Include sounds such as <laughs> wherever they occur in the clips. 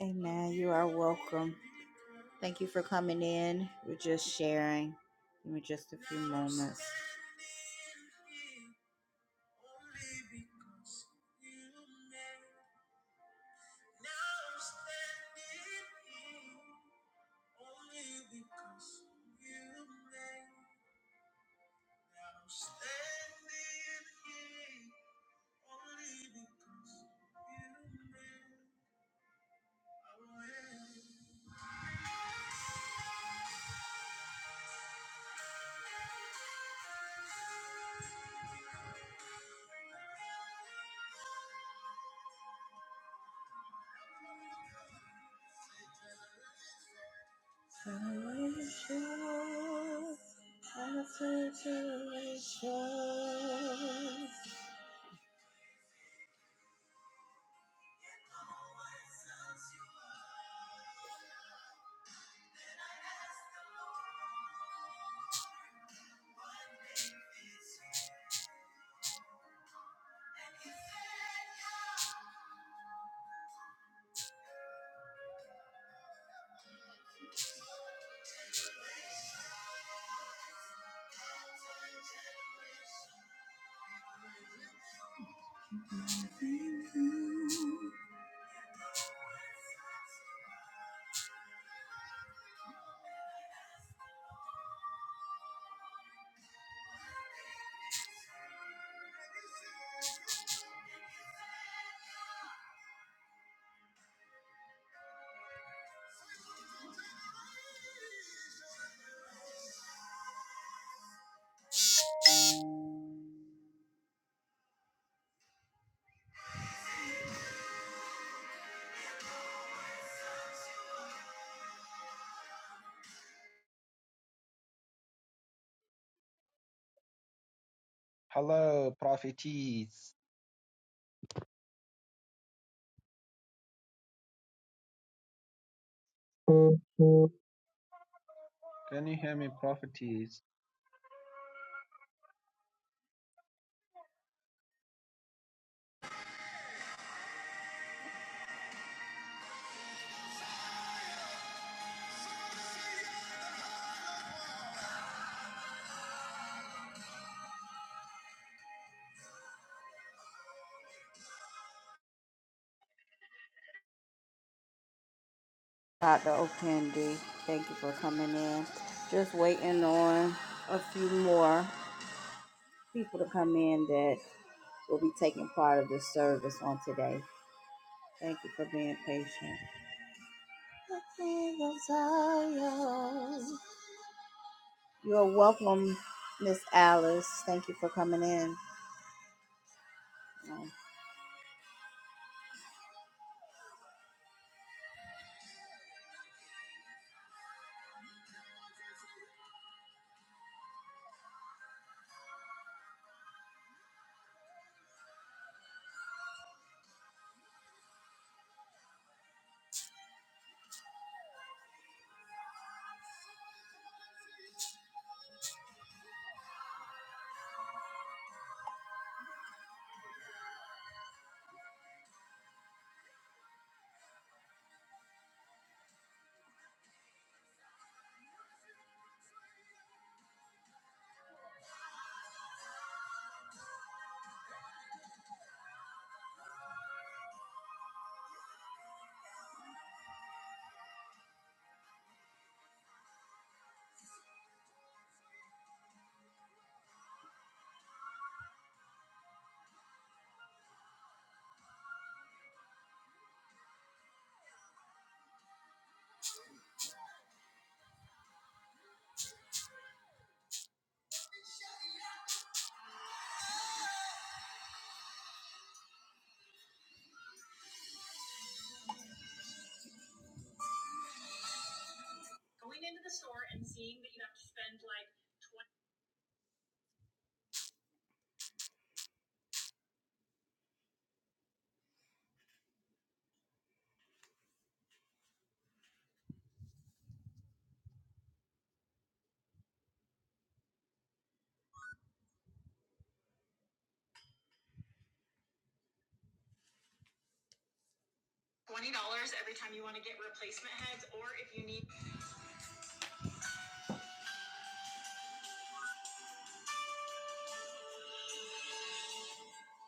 Amen. You are welcome. Thank you for coming in. We're just sharing. Give me just a few moments. Hello, prophetess. Can you hear me, prophetess? Dr. Okendi, thank you for coming in. Just waiting on a few more people to come in that will be taking part of the service on today. Thank you for being patient. The King of Zion. You are welcome, Miss Alice. Thank you for coming in. Um,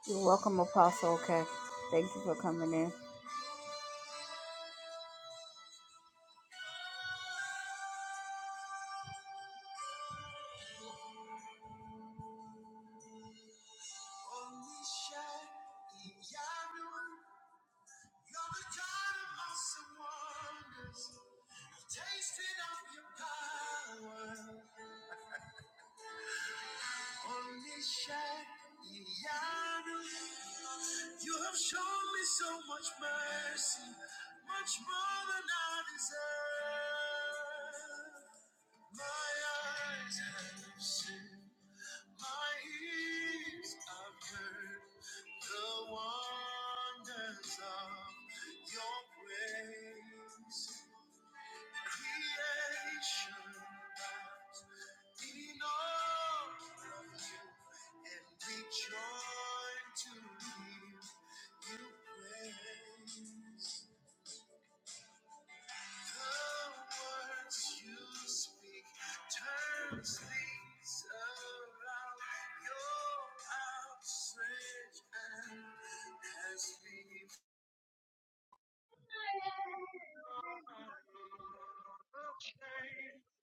You're welcome, Apostle. Okay. Thank you for coming in.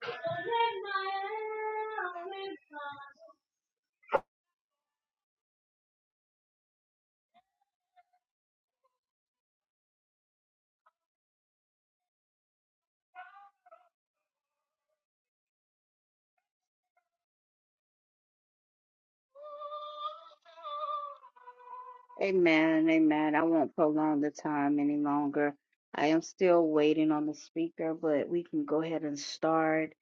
Oh, my, oh, my. Amen, amen. I won't prolong the time any longer. I am still waiting on the speaker, but we can go ahead and start.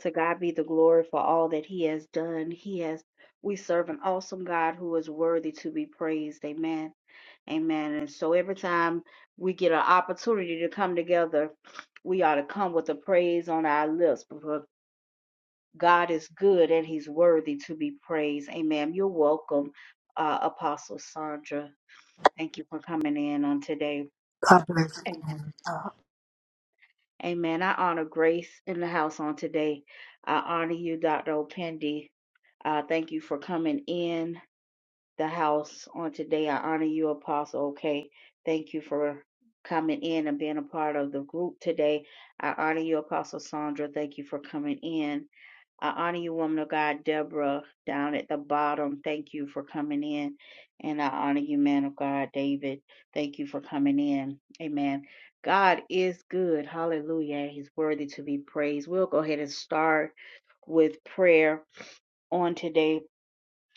To God be the glory for all that He has done. He has, we serve an awesome God who is worthy to be praised. Amen, amen. And so every time we get an opportunity to come together, we ought to come with a praise on our lips God is good and he's worthy to be praised. Amen. You're welcome, uh, Apostle Sandra. Thank you for coming in on today. God bless you. Amen. Uh, Amen. I honor Grace in the house on today. I honor you, Dr. Opendi. Uh, thank you for coming in the house on today. I honor you, Apostle. Okay. Thank you for coming in and being a part of the group today. I honor you, Apostle Sandra. Thank you for coming in. I honor you, woman of God, Deborah, down at the bottom. Thank you for coming in. And I honor you, man of God, David. Thank you for coming in. Amen. God is good. Hallelujah. He's worthy to be praised. We'll go ahead and start with prayer on today.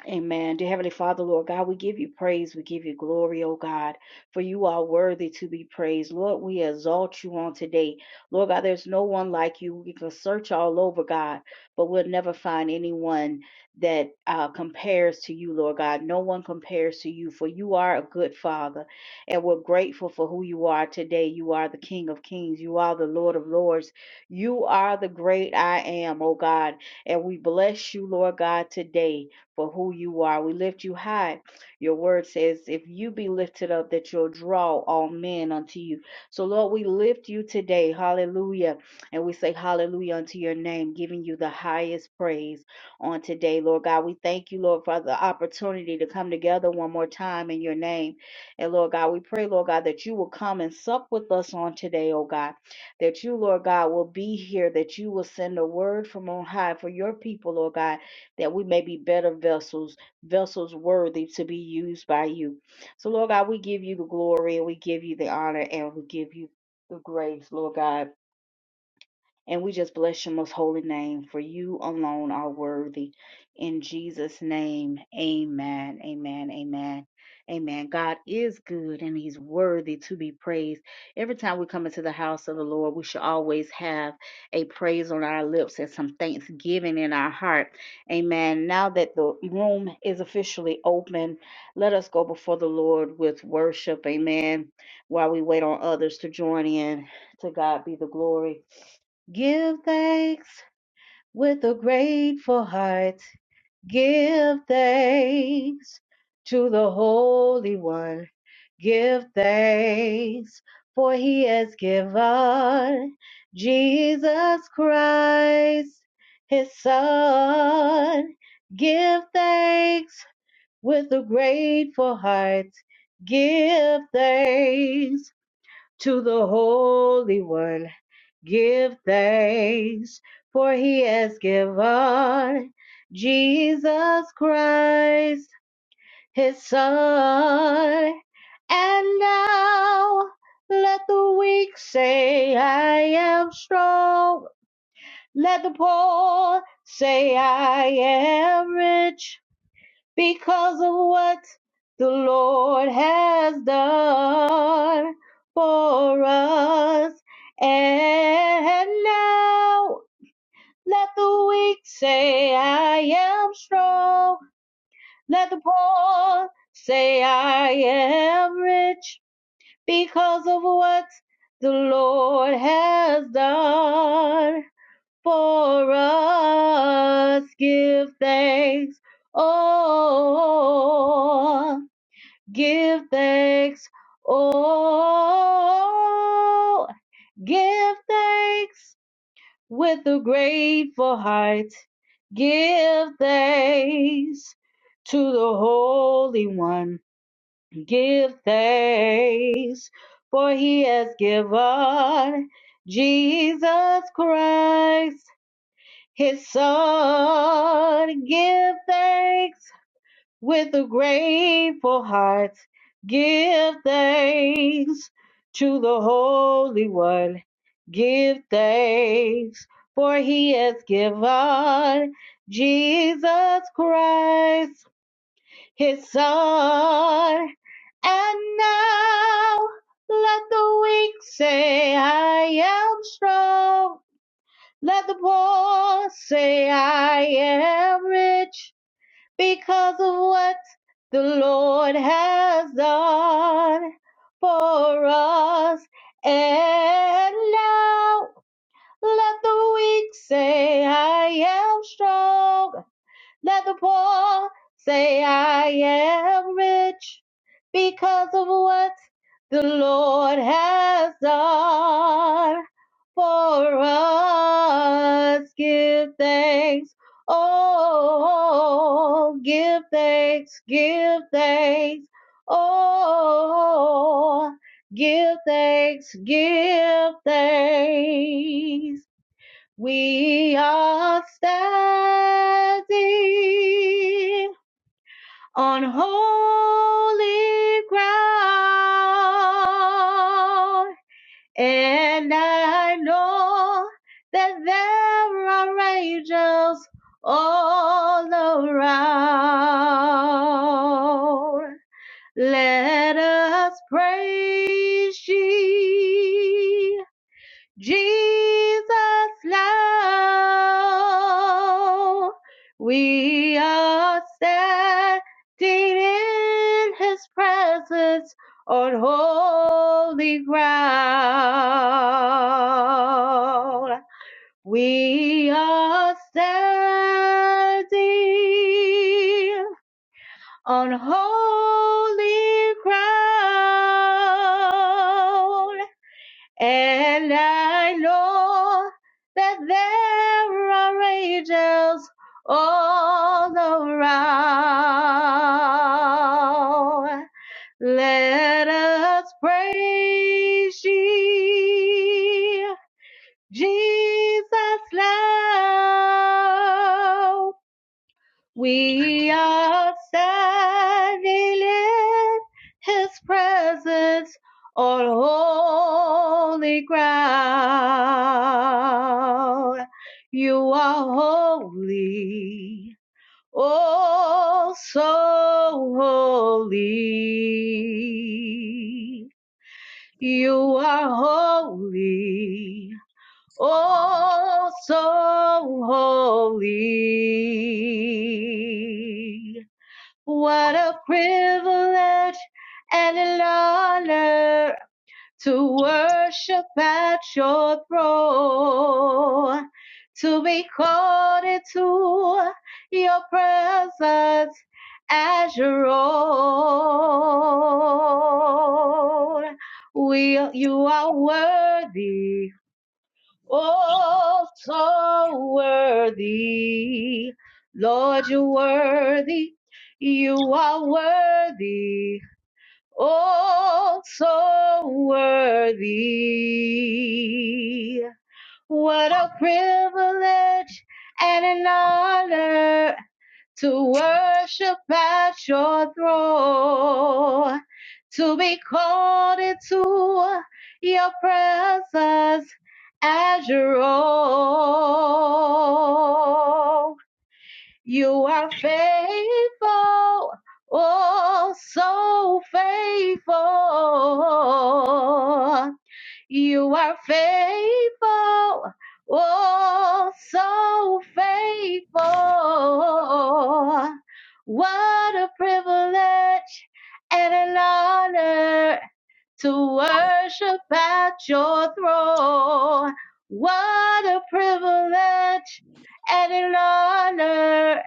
Amen. Dear Heavenly Father, Lord God, we give you praise. We give you glory, O God, for you are worthy to be praised. Lord, we exalt you on today. Lord God, there's no one like you. We can search all over, God, but we'll never find anyone that uh, compares to you, Lord God. No one compares to you, for you are a good Father. And we're grateful for who you are today. You are the King of Kings. You are the Lord of Lords. You are the great I am, O God. And we bless you, Lord God, today for who you are. We lift you high. Your word says, if you be lifted up, that you'll draw all men unto you. So, Lord, we lift you today. Hallelujah. And we say hallelujah unto your name, giving you the highest praise on today, Lord God. We thank you, Lord, for the opportunity to come together one more time in your name. And, Lord God, we pray, Lord God, that you will come and sup with us on today, oh God. That you, Lord God, will be here, that you will send a word from on high for your people, Lord God that we may be better vessels, vessels worthy to be used by you. So, Lord God, we give you the glory and we give you the honor and we give you the grace, Lord God. And we just bless your most holy name, for you alone are worthy. In Jesus' name, amen, amen, amen, amen. God is good and he's worthy to be praised. Every time we come into the house of the Lord, we should always have a praise on our lips and some thanksgiving in our heart. Amen. Now that the room is officially open, let us go before the Lord with worship. Amen. While we wait on others to join in, to God be the glory. Give thanks with a grateful heart. Give thanks to the Holy One. Give thanks for he has given Jesus Christ, his son. Give thanks with a grateful heart. Give thanks to the Holy One Give thanks, for he has given Jesus Christ, his Son. And now let the weak say, I am strong. Let the poor say, I am rich because of what the Lord has done for us. And now. Let the weak say I am strong. Let the poor say I am rich because of what the Lord has done for us. Give thanks. Oh, give thanks. Oh, give thanks with a grateful heart. Give thanks to the Holy One. Give thanks, for he has given Jesus Christ, his Son. Give thanks with a grateful heart. Give thanks to the Holy One. Give thanks, for he has given Jesus Christ, his Son. And now let the weak say, I am strong. Let the poor say, I am rich because of what the Lord has done for us. And now let the weak say, I am strong. Let the poor say I am rich because of what the Lord has done for us. Give thanks. Oh, give thanks, give thanks. Oh, give thanks, give thanks. We are standing on holy ground, and I know that there are angels all around. Let us praise ye Jesus love. We are standing in his presence on holy ground. We are standing on holy ground. And I know that there are angels all around. Let us praise ye, Jesus loud. We are standing in his presence on holy ground. You are holy, oh so holy. You are holy, oh so holy. What a privilege and an honor to worship at your throne, to be called into your presence as your own. We, you are worthy Oh, so worthy. Lord, you're worthy. You are worthy. Oh, so worthy. What a privilege and an honor to worship at your throne, to be called into your presence as your own. You are faithful, oh, so faithful. You are faithful, oh, so faithful. What a privilege and an honor to worship at your throne. What a privilege and an honor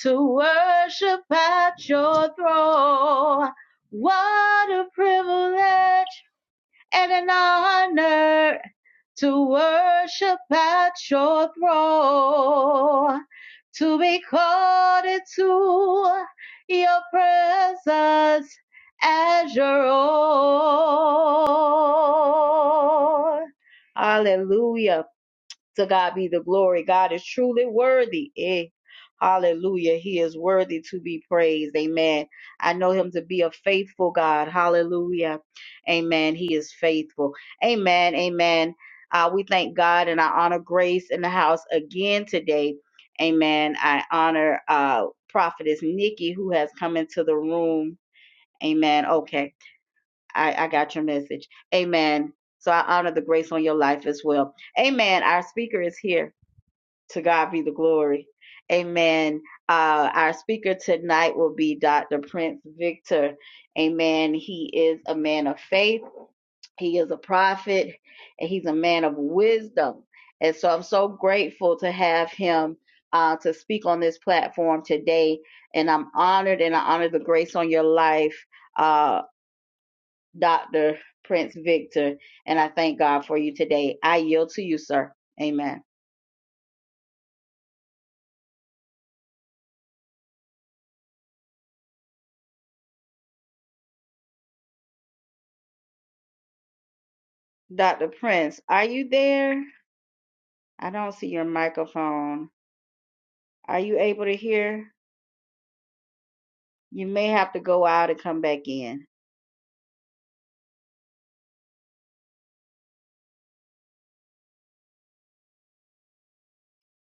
to worship at your throne. What a privilege and an honor to worship at your throne, to be called into your presence as your own. Hallelujah. To God be the glory. God is truly worthy. Eh. Hallelujah. He is worthy to be praised. Amen. I know him to be a faithful God. Hallelujah. Amen. He is faithful. Amen. Amen. Uh, we thank God and I honor Grace in the house again today. Amen. I honor uh, Prophetess Nikki who has come into the room. Amen. Okay. I, I got your message. Amen. So I honor the grace on your life as well. Amen. Our speaker is here. To God be the glory. Amen. Uh, our speaker tonight will be Dr. Prince Victor. Amen. He is a man of faith, he is a prophet, and he's a man of wisdom. And so I'm so grateful to have him uh, to speak on this platform today. And I'm honored and I honor the grace on your life, uh, Dr. Prince Victor. And I thank God for you today. I yield to you, sir. Amen. Dr. Prince, are you there? I don't see your microphone. Are you able to hear? You may have to go out and come back in.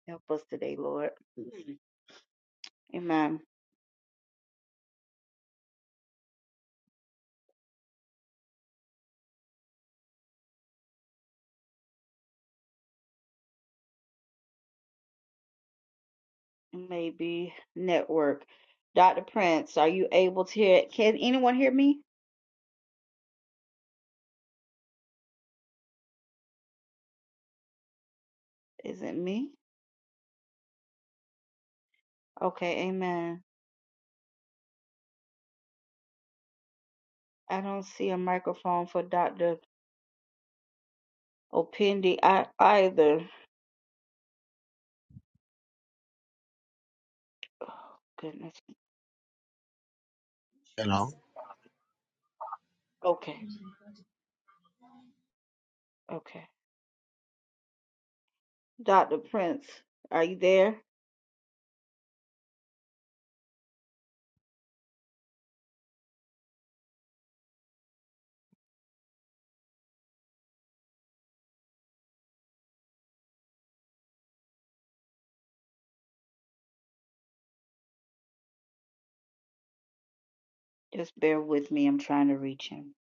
Help us today, Lord. Mhm. Amen. It may be network. Dr. Prince, are you able to hear? Can anyone hear me? Is it me? Okay, amen. I don't see a microphone for Dr. Opendi ei- either. Oh, goodness. Hello. Okay, okay. Dr. Prince, are you there? Just bear with me. I'm trying to reach him.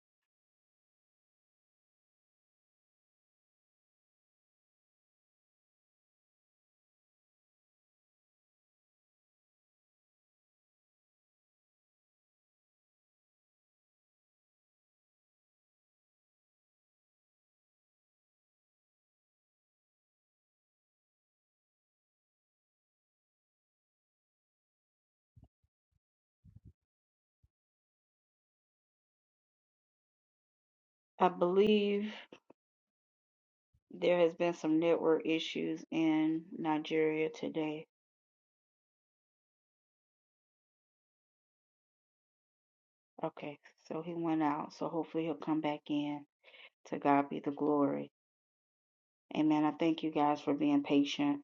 I believe. There has been some network issues in Nigeria today. Okay, so he went out. So hopefully he'll come back in. To God be the glory. Amen. I thank you guys for being patient.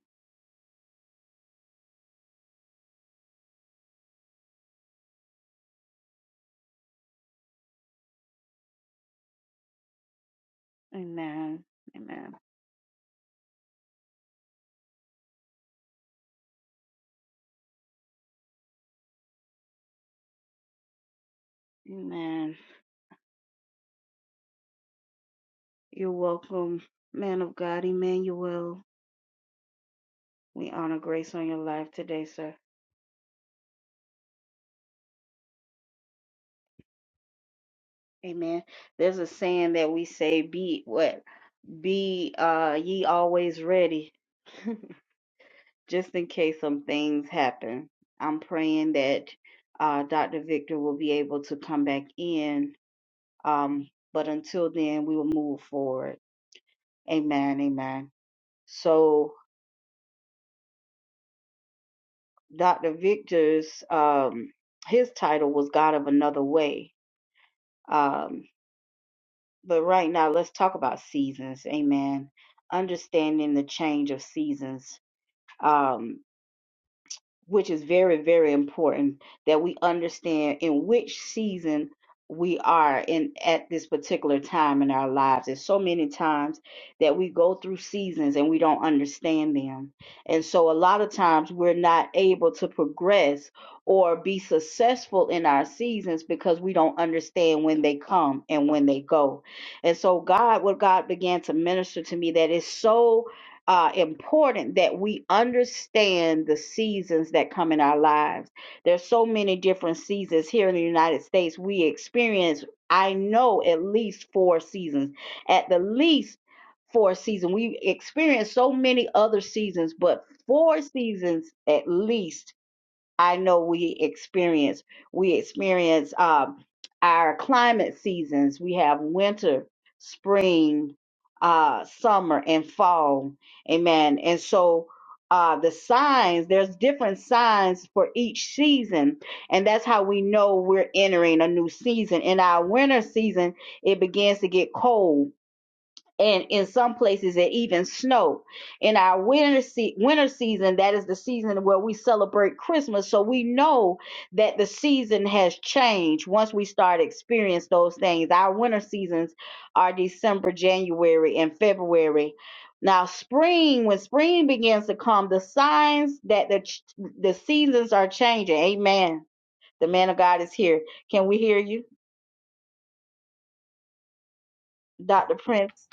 Amen. Amen. Amen. You're welcome, man of God, Emmanuel. We honor grace on your life today, sir. Amen. There's a saying that we say, be what? Be uh ye always ready. <laughs> just in case some things happen. I'm praying that uh, Dr. Victor will be able to come back in. Um, but until then, we will move forward. Amen. Amen. So Dr. Victor's um, his title was God of Another Way. Um, but right now, let's talk about seasons. Amen. Understanding the change of seasons. Um, which is very, very important that we understand in which season we are in at this particular time in our lives. There's so many times that we go through seasons and we don't understand them. And so a lot of times we're not able to progress or be successful in our seasons because we don't understand when they come and when they go. And so God, what God began to minister to me that is so uh, important that we understand the seasons that come in our lives. There's so many different seasons here in the United States. We experience, I know, at least four seasons, at the least four seasons. We experience so many other seasons, but four seasons at least I know we experience. We experience um, our climate seasons. We have winter, spring, uh, summer, and fall. Amen. And so uh, the signs, there's different signs for each season. And that's how we know we're entering a new season. In our winter season, it begins to get cold and in some places it even snowed. In our winter se- winter season, that is the season where we celebrate Christmas, so we know that the season has changed once we start experience those things. Our winter seasons are December, January, and February. Now, spring, when spring begins to come, the signs that the ch- the seasons are changing. Amen. The man of God is here. Can we hear you, Dr. Prince?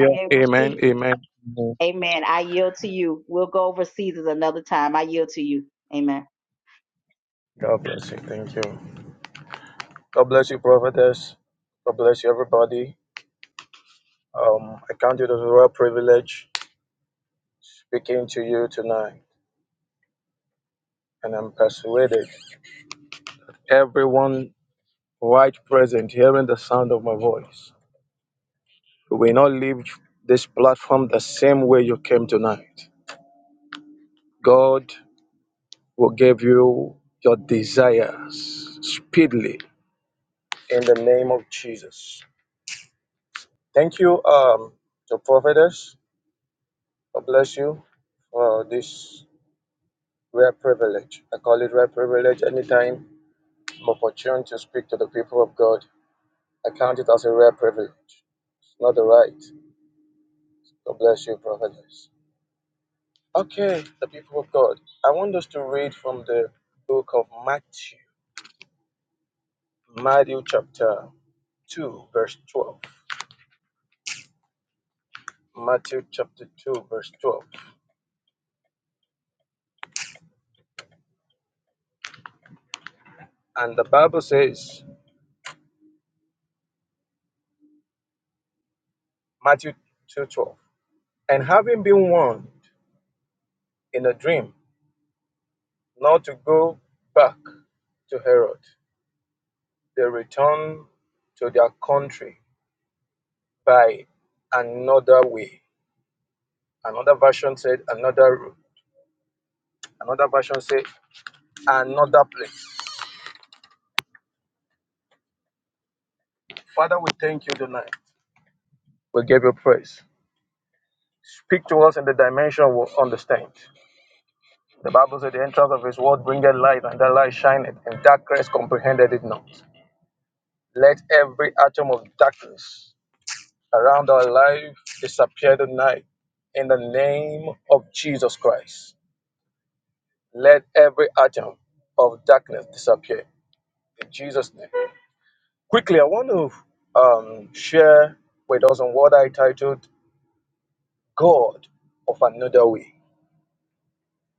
Are you able to speak? Amen. Amen. Amen. Amen. I yield to you. We'll go over Caesars another time. I yield to you. Amen. God bless you. Thank you. God bless you, prophetess. God bless you, everybody. Um, I count it as a real privilege speaking to you tonight, and I'm persuaded everyone right present hearing the sound of my voice will not leave this platform the same way you came tonight. God will give you your desires speedily in the name of Jesus. Thank you, um, to prophetess. God bless you for this rare privilege. I call it rare privilege anytime I'm opportune to speak to the people of God. I count it as a rare privilege. It's not a right. God bless you, prophetess. Okay, the people of God. I want us to read from the book of Matthew, Matthew chapter 2, verse 12. Matthew chapter 2, verse 12. And the Bible says, Matthew 2 12, And having been warned in a dream, Now to go back to Herod, they returned to their country by another way. Another version said another route. Another version said another place. Father, we thank you tonight. We give you praise. Speak to us in the dimension we understand. The Bible said the entrance of his word bringeth light, and that light shineth, and darkness comprehended it not. Let every atom of darkness around our life disappear tonight in the name of Jesus Christ. Let every atom of darkness disappear in Jesus' name. Quickly, I want to um, share with us on what I titled God of Another Way.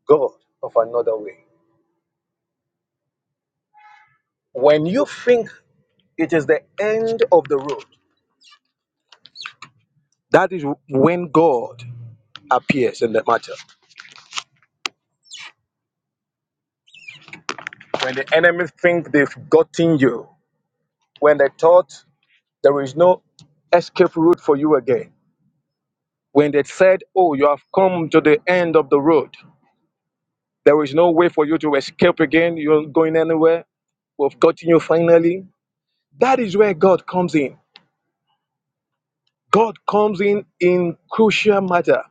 God of Another Way. When you think it is the end of the road, that is when God appears in the matter. When the enemy think they've gotten you, when they thought There is no escape route for you again. When they said, Oh, you have come to the end of the road, there is no way for you to escape again. You're not going anywhere. We've gotten you finally. That is where God comes in. God comes in in crucial matter.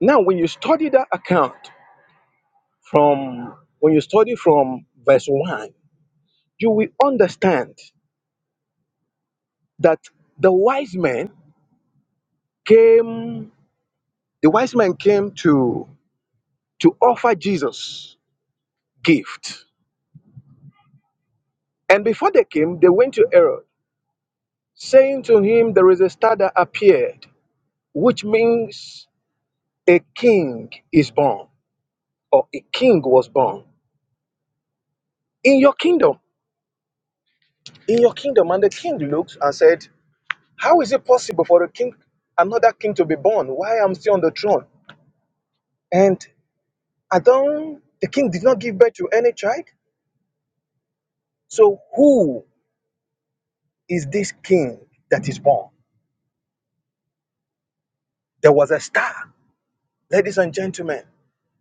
Now, when you study that account from when you study from verse 1, you will understand that the wise men came, the wise men came to to offer Jesus gift And before they came, they went to Herod, saying to him, There is a star that appeared, which means a king is born, or a king was born in your kingdom. In your kingdom. And the king looked and said, How is it possible for a king, another king to be born? Why am I still on the throne? And Adam, the king did not give birth to any child. So who is this king that is born? There was a star. Ladies and gentlemen,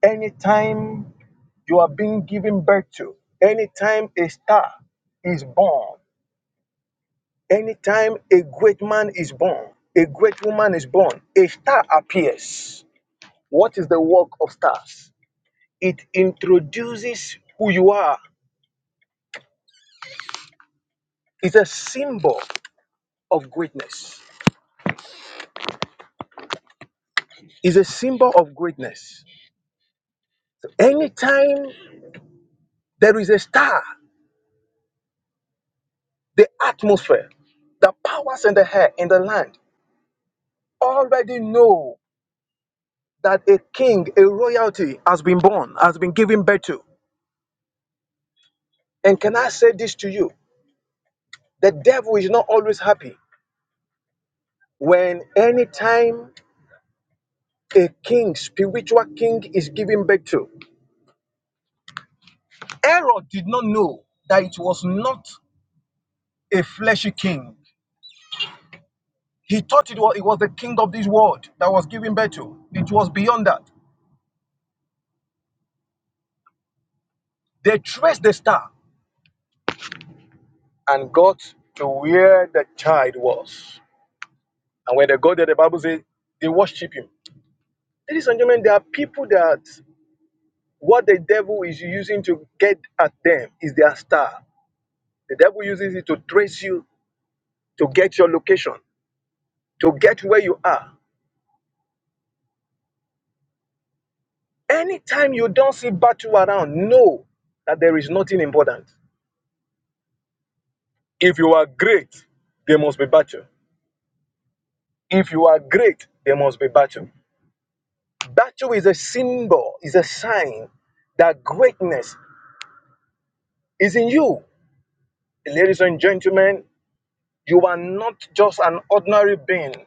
anytime you are being given birth to. Anytime a star is born, anytime a great man is born, a great woman is born, a star appears. What is the work of stars? It introduces who you are. It's a symbol of greatness. It's a symbol of greatness. So anytime there is a star, the atmosphere, the powers in the air, in the land already know. that a king, a royalty has been born, has been given birth to. And can I say this to you? The devil is not always happy when any time a king, spiritual king, is given birth to. Herod did not know that it was not a fleshy king. He thought it was, it was the king of this world that was given birth to. It was beyond that. They traced the star and got to where the child was. And when they got there, the Bible says they worship him. Ladies and gentlemen, there are people that what the devil is using to get at them is their star. The devil uses it to trace you, to get your location, to get where you are. Anytime you don't see battle around, know that there is nothing important. If you are great, there must be battle. If you are great, there must be battle. Battle is a symbol, is a sign that greatness is in you. Ladies and gentlemen, you are not just an ordinary being.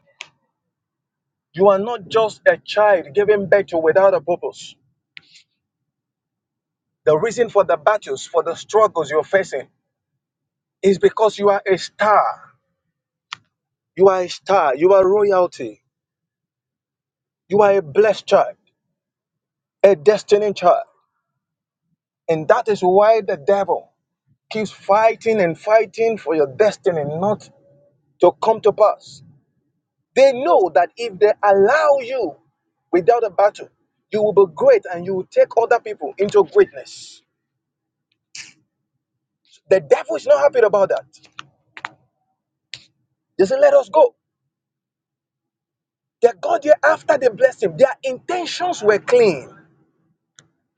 You are not just a child given birth to without a purpose. The reason for the battles, for the struggles you're facing, is because you are a star. You are a star. You are royalty. You are a blessed child, a destined child. And that is why the devil keeps fighting and fighting for your destiny not to come to pass. They know that if they allow you without a battle, you will be great and you will take other people into greatness. The devil is not happy about that. They said, Let us go. They got there after they blessed him. Their intentions were clean.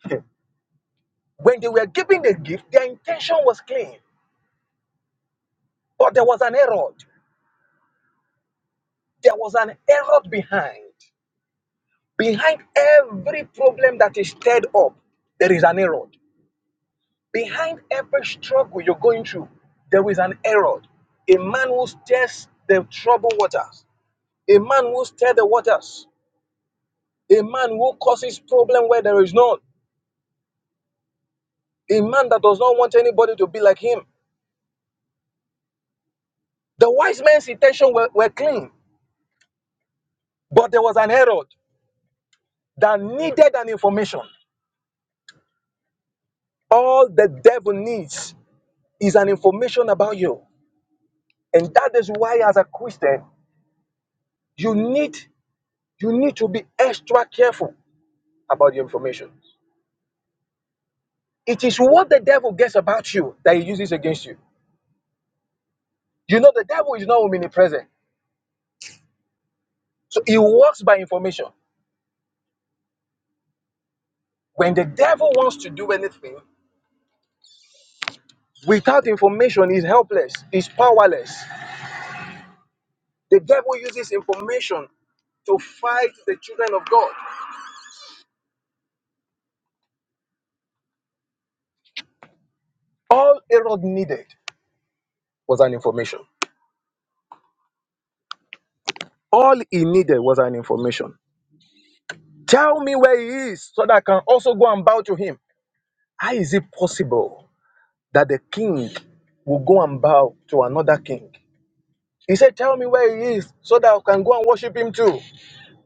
<laughs> When they were giving the gift, their intention was clean. But there was an error. There was an error behind. Behind every problem that is stirred up, there is an error. Behind every struggle you're going through, there is an error. A man who stirs the troubled waters, a man who stirs the waters, a man who causes problem where there is none, a man that does not want anybody to be like him, The wise men's intention were, were clean, but there was an Herod that needed an information. All the devil needs is an information about you. And that is why as a Christian, you need you need to be extra careful about your information. It is what the devil gets about you that he uses against you. You know the devil is not omnipresent. So he works by information. When the devil wants to do anything, without information, he's helpless, he's powerless. The devil uses information to fight the children of God. All Herod needed was an information. All he needed was an information. Tell me where he is so that I can also go and bow to him. How is it possible that the king will go and bow to another king? He said, Tell me where he is so that I can go and worship him too.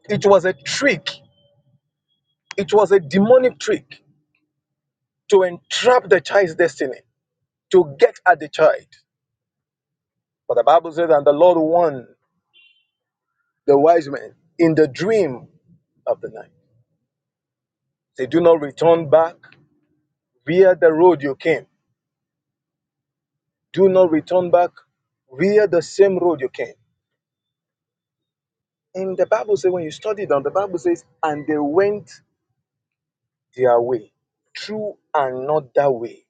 It was a trick, it was a demonic trick to entrap the child's destiny, to get at the child. But the Bible says, And the Lord won. the wise men in the dream of the night. They do not return back via the road you came. Do not return back via the same road you came. And the Bible says, when you study down, the Bible says, and they went their way through another way.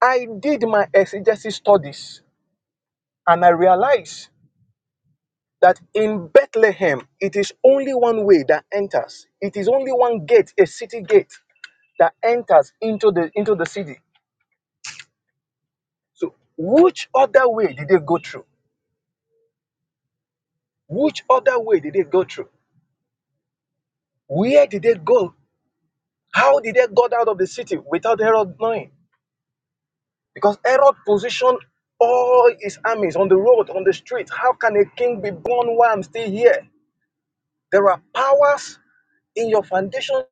I did my exegesis studies and I realized that in Bethlehem, it is only one way that enters. It is only one gate, a city gate, that enters into the into the city. So, which other way did they go through? Which other way did they go through? Where did they go? How did they got out of the city without Herod knowing? Because Herod positioned all his armies on the road, on the street. How can a king be born while I'm still here? There are powers in your foundation.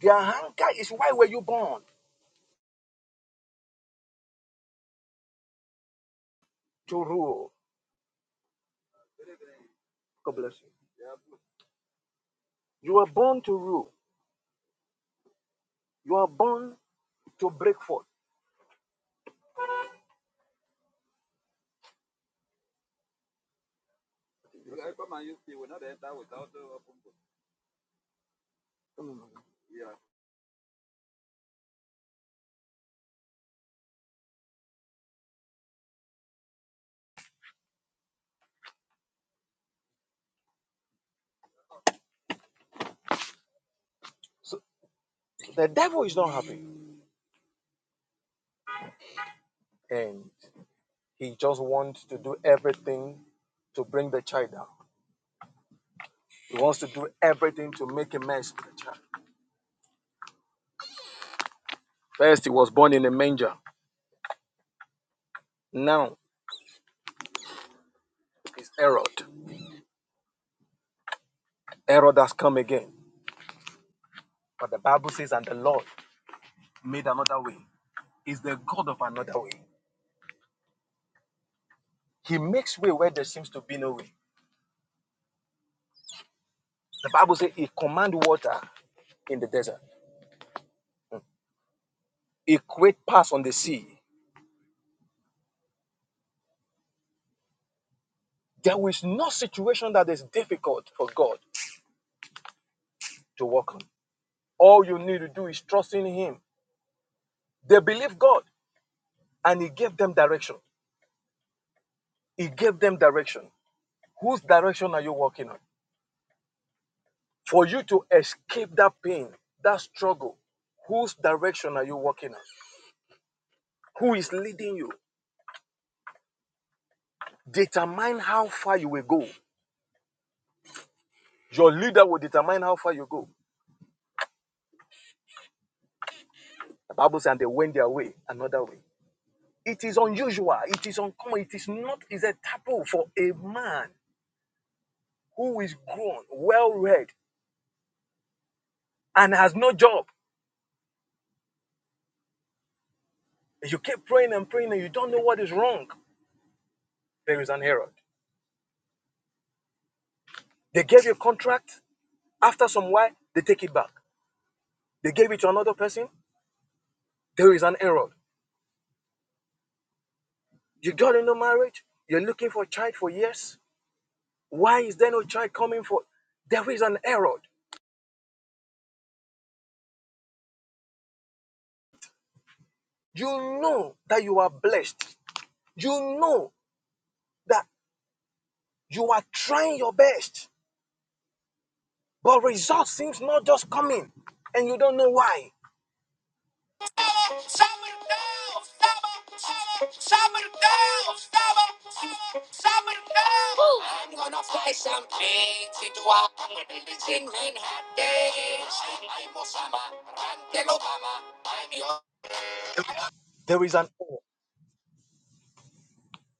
Their hunger is why were you born to rule? God bless you. You were born to rule. You are born to break forth. So the devil is not happy. and he just wants to do everything to bring the child down. He wants to do everything to make a mess of the child. First, he was born in a manger. Now it's Herod. Herod has come again. But the Bible says, and the Lord made another way. Is the God of another way. He makes way where there seems to be no way. The Bible says he command water in the desert. Mm. He create paths on the sea. There is no situation that is difficult for God to work on. All you need to do is trust in Him They believed God and He gave them direction. He gave them direction. Whose direction are you walking on? For you to escape that pain, that struggle, whose direction are you walking on? Who is leading you? Determine how far you will go. Your leader will determine how far you go. The Bible says, and they went their way, another way. It is unusual. It is uncommon. It is not, it's a taboo for a man who is grown, well read, and has no job. You keep praying and praying, and you don't know what is wrong. There is an Herod. They gave you a contract. After some while, they take it back. They gave it to another person. There is an Herod. You got into marriage. You're looking for a child for years. Why is there no child coming for? There is an Herod. You know that you are blessed. You know that you are trying your best, but results seems not just coming, and you don't know why. I'm gonna fly some planes into a buildings in Manhattan. I'm Osama, Randall Obama. I'm your There is an error.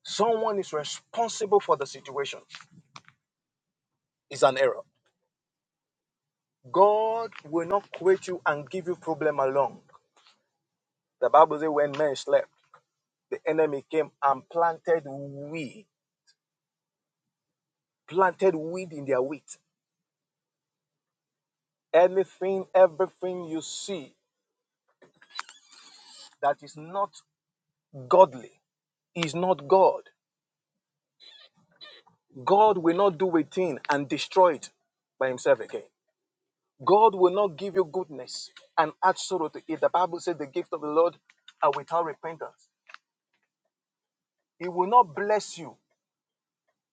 Someone is responsible for the situation. It's an error. God will not quit you and give you problem along. The Bible says when men slept, the enemy came and planted weed, planted weed in their wheat. Anything, everything you see that is not godly is not God. God will not do a thing and destroy it by himself again. God will not give you goodness and add sorrow to it. The Bible says the gift of the Lord are without repentance. He will not bless you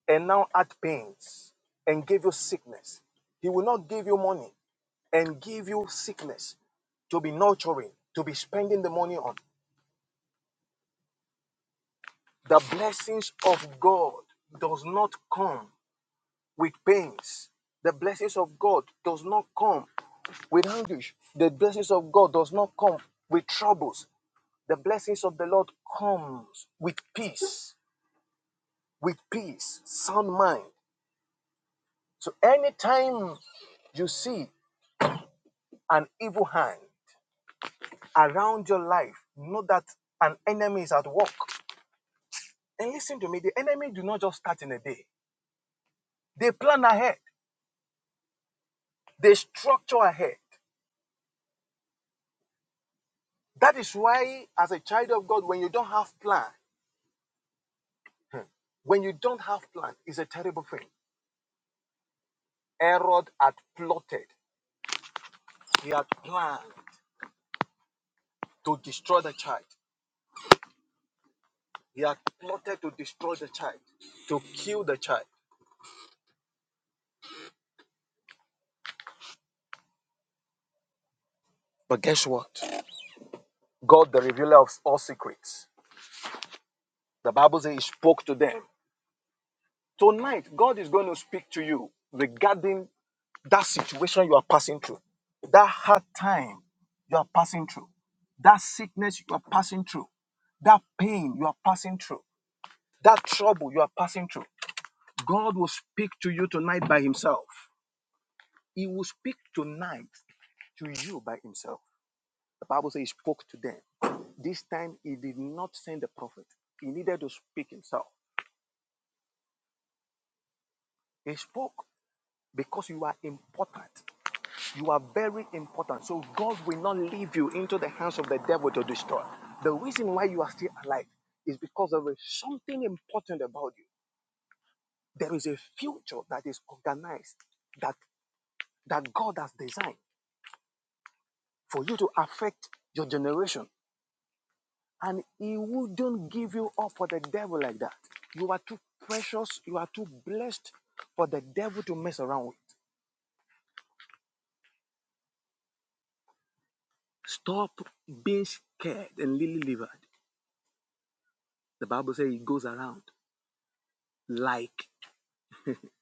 and now add pains and give you sickness. He will not give you money and give you sickness to be nurturing, to be spending the money on. The blessings of God does not come with pains. The blessings of God does not come with anguish. The blessings of God does not come with troubles. The blessings of the Lord comes with peace, with peace, sound mind. So anytime you see an evil hand, around your life. Know that an enemy is at work. And listen to me, the enemy do not just start in a day. They plan ahead. They structure ahead. That is why, as a child of God, when you don't have plan, when you don't have plan, it's a terrible thing. Herod had plotted. He had planned to destroy the child. He had plotted to destroy the child, to kill the child. But guess what? God, the revealer of all secrets, the Bible says he spoke to them Tonight, God is going to speak to you regarding that situation you are passing through, that hard time you are passing through, that sickness you are passing through, that pain you are passing through, that trouble you are passing through. God will speak to you tonight by Himself. He will speak tonight to you by Himself. The Bible says He spoke to them. This time he did not send a prophet. He needed to speak himself. He spoke because you are important. You are very important. So God will not leave you into the hands of the devil to destroy. The reason why you are still alive is because there is something important about you. There is a future that is organized that, that God has designed for you to affect your generation. And he wouldn't give you up for the devil like that. You are too precious, you are too blessed for the devil to mess around with. Stop being scared and lily livered. The Bible says He goes around like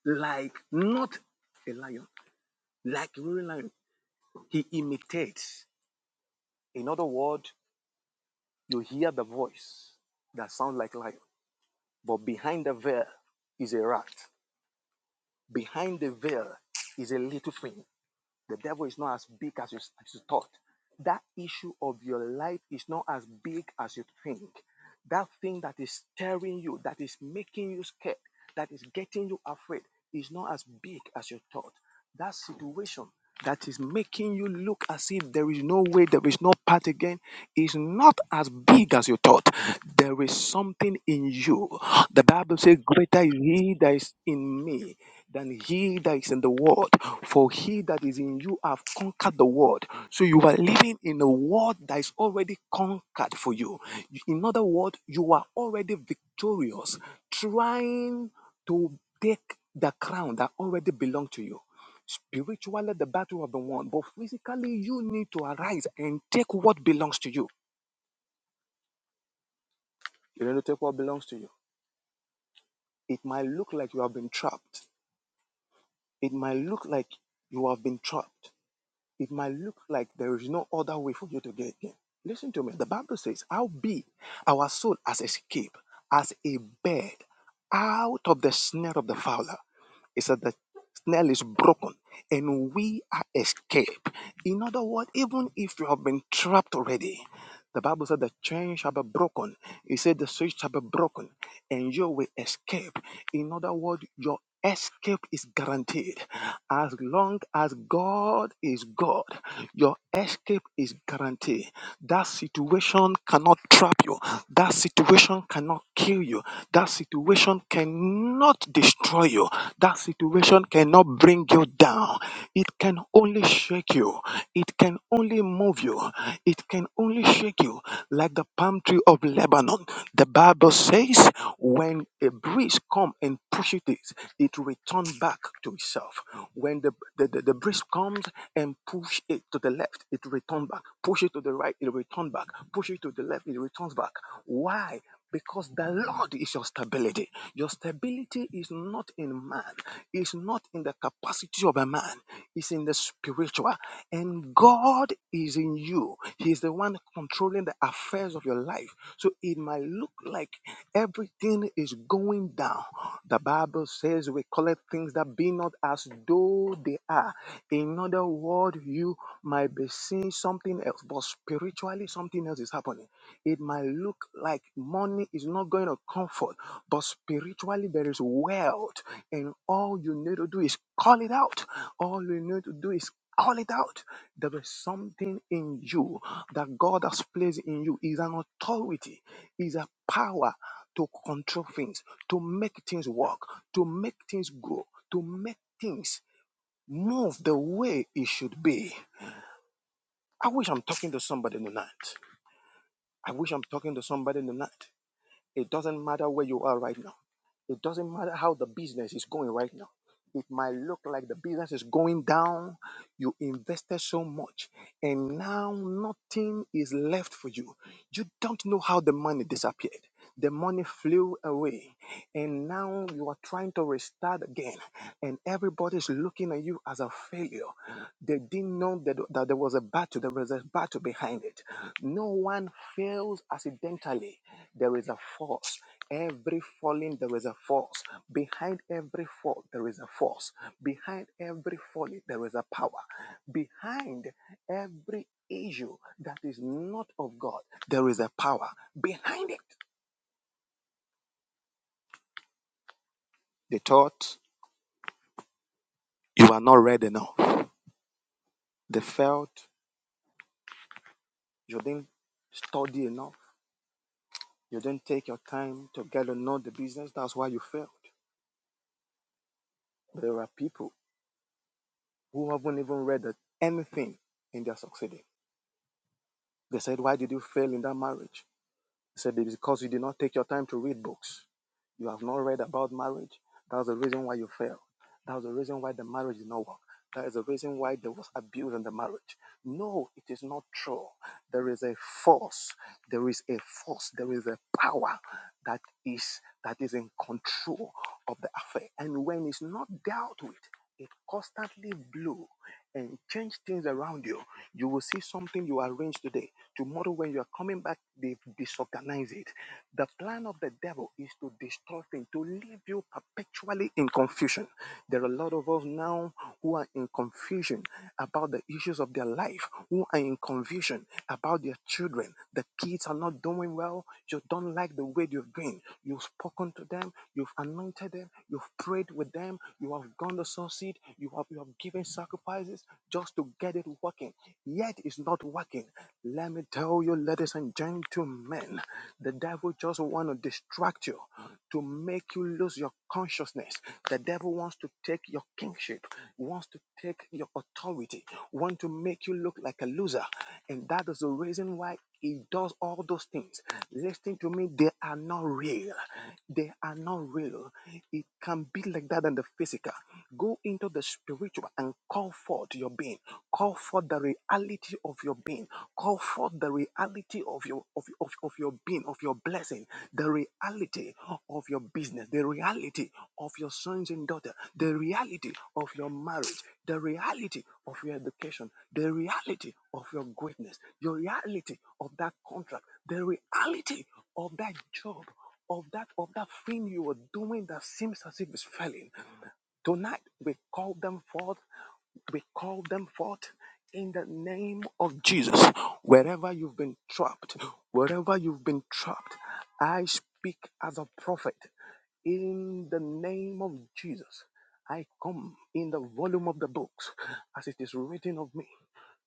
like not a lion, like a real lion. He imitates. In other words, you hear the voice that sounds like lion, but behind the veil is a rat. Behind the veil is a little thing. The devil is not as big as you, as you thought. That issue of your life is not as big as you think. That thing that is stirring you, that is making you scared, that is getting you afraid, is not as big as you thought. That situation that is making you look as if there is no way, there is no path again, is not as big as you thought. There is something in you. The Bible says, Greater is he that is in me than he that is in the world. For he that is in you have conquered the world. So you are living in a world that is already conquered for you. In other words, you are already victorious, trying to take the crown that already belongs to you. Spiritually, the battle of the one, but physically, you need to arise and take what belongs to you. You need to take what belongs to you. It might look like you have been trapped. It might look like you have been trapped. It might look like there is no other way for you to get in. Listen to me. The Bible says, How be our soul as escape, as a bird out of the snare of the fowler. He said the snail is broken and we are escaped. In other words, even if you have been trapped already, the Bible said the chain shall be broken. It said the switch shall be broken and you will escape. In other words, your escape is guaranteed. As long as God is God, your escape is guaranteed. That situation cannot trap you. That situation cannot kill you. That situation cannot destroy you. That situation cannot bring you down. It can only shake you. It can only move you. It can only shake you like the palm tree of Lebanon. The Bible says when a breeze come and push it, it return back to itself. When the, the, the, the breeze comes and push it to the left, it return back. Push it to the right, it return back. Push it to the left, it returns back. Why? because the Lord is your stability. Your stability is not in man, it's not in the capacity of a man, it's in the spiritual. And God is in you, He is the one controlling the affairs of your life. So it might look like everything is going down. The Bible says we collect things that be not as though they are. In other words, you might be seeing something else, but spiritually something else is happening. It might look like money is not going to comfort, but spiritually there is wealth, and all you need to do is call it out. All you need to do is call it out. There is something in you that God has placed in you. Is an authority, is a power to control things, to make things work, to make things grow, to make things move the way it should be. I wish I'm talking to somebody tonight. I wish I'm talking to somebody tonight. It doesn't matter where you are right now. It doesn't matter how the business is going right now. It might look like the business is going down. You invested so much and now nothing is left for you. You don't know how the money disappeared. The money flew away, and now you are trying to restart again, and everybody's looking at you as a failure. They didn't know that, that there was a battle, there was a battle behind it. No one fails accidentally, there is a force. Every falling, there is a force. Behind every fall, there is a force. Behind every falling, there is a power. Behind every issue that is not of God, there is a power. Behind it, they thought you are not read enough. They felt you didn't study enough. You didn't take your time to get to know the business. That's why you failed. There are people who haven't even read anything and they're succeeding. They said, Why did you fail in that marriage? He said, because you did not take your time to read books. You have not read about marriage. That's the reason why you failed. That's the reason why the marriage did not work. That is the reason why there was abuse in the marriage. No, it is not true. There is a force. There is a force. There is a power that is that is in control of the affair. And when it's not dealt with, it constantly blows and change things around you. You will see something you arranged today. Tomorrow, when you are coming back, they've disorganized it. The plan of the devil is to destroy things, to leave you perpetually in confusion. There are a lot of us now who are in confusion about the issues of their life, who are in confusion about their children. The kids are not doing well. You don't like the way you've been. You've spoken to them, you've anointed them, you've prayed with them, you have gone to succeed, you have, you have you have given sacrifices just to get it working, yet it's not working. Let me tell you, ladies and gentlemen, the devil just want to distract you to make you lose your consciousness. The devil wants to take your kingship, wants to take your authority, wants to make you look like a loser. And that is the reason why he does all those things. Listen to me, they are not real. They are not real. It can be like that in the physical. Go Go into the spiritual and call forth your being. Call forth the reality of your being. Call forth the reality of your of, of, of your being, of your blessing, the reality of your business, the reality of your sons and daughter, the reality of your marriage, the reality of your education, the reality of your greatness, your reality of that contract, the reality of that job, of that of that thing you are doing that seems as if it's failing Tonight we call them forth we call them forth in the name of Jesus. Wherever you've been trapped, wherever you've been trapped, I speak as a prophet in the name of Jesus. I come in the volume of the books as it is written of me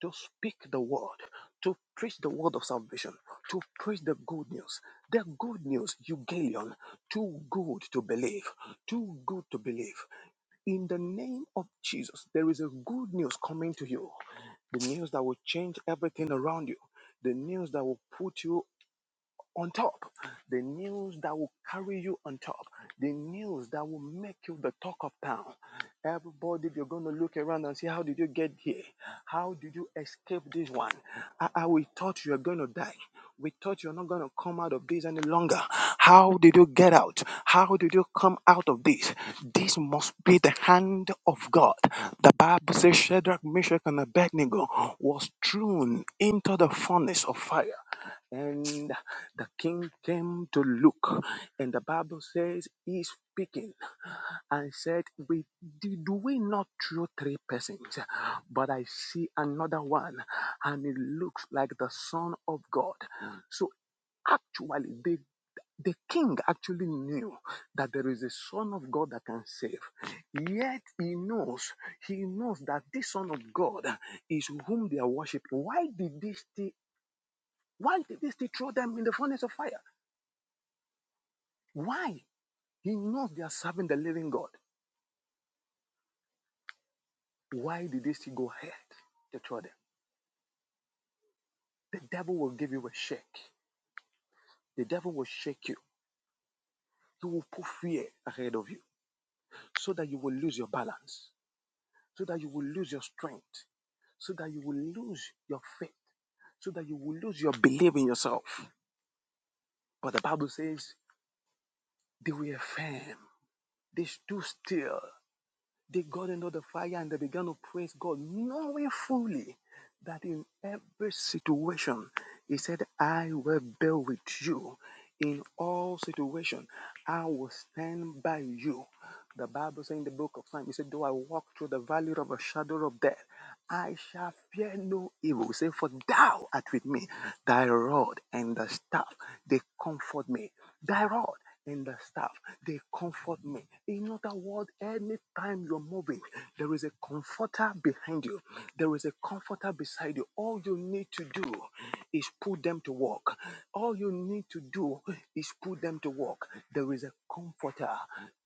to speak the word, to preach the word of salvation, to preach the good news. The good news, Eugalion, too good to believe, too good to believe. In the name of Jesus, there is a good news coming to you. The news that will change everything around you. The news that will put you on top, the news that will carry you on top, the news that will make you the talk of town. Everybody, you're going to look around and see how did you get here? How did you escape this one? I, I we thought you were going to die. We thought you're not going to come out of this any longer. How did you get out? How did you come out of this? This must be the hand of God. The Bible says Shadrach, Meshach, and Abednego was thrown into the furnace of fire. And the king came to look, and the Bible says he's speaking and said, We did do we not throw three persons, but I see another one, and it looks like the Son of God. So actually they the king actually knew that there is a son of god that can save yet he knows he knows that this son of god is whom they are worshiping why did they stay why did he still throw them in the furnace of fire? Why? He knows they are serving the living God. Why did he still go ahead to throw them? The devil will give you a shake. The devil will shake you. He will put fear ahead of you so that you will lose your balance, so that you will lose your strength, so that you will lose your faith, so that you will lose your belief in yourself. But the Bible says they were firm. They stood still They got into the fire and they began to praise God, knowing fully that in every situation, He said, I will be with you. In all situation, I will stand by you. The Bible says in the book of Psalms, He said, Though I walk through the valley of a shadow of death, I shall fear no evil. Say, For thou art with me, thy rod and thy staff, they comfort me. Thy rod and the staff, they comfort me. In other words, anytime you're moving, there is a comforter behind you, there is a comforter beside you. All you need to do is put them to work. All you need to do is put them to work. There is a comforter,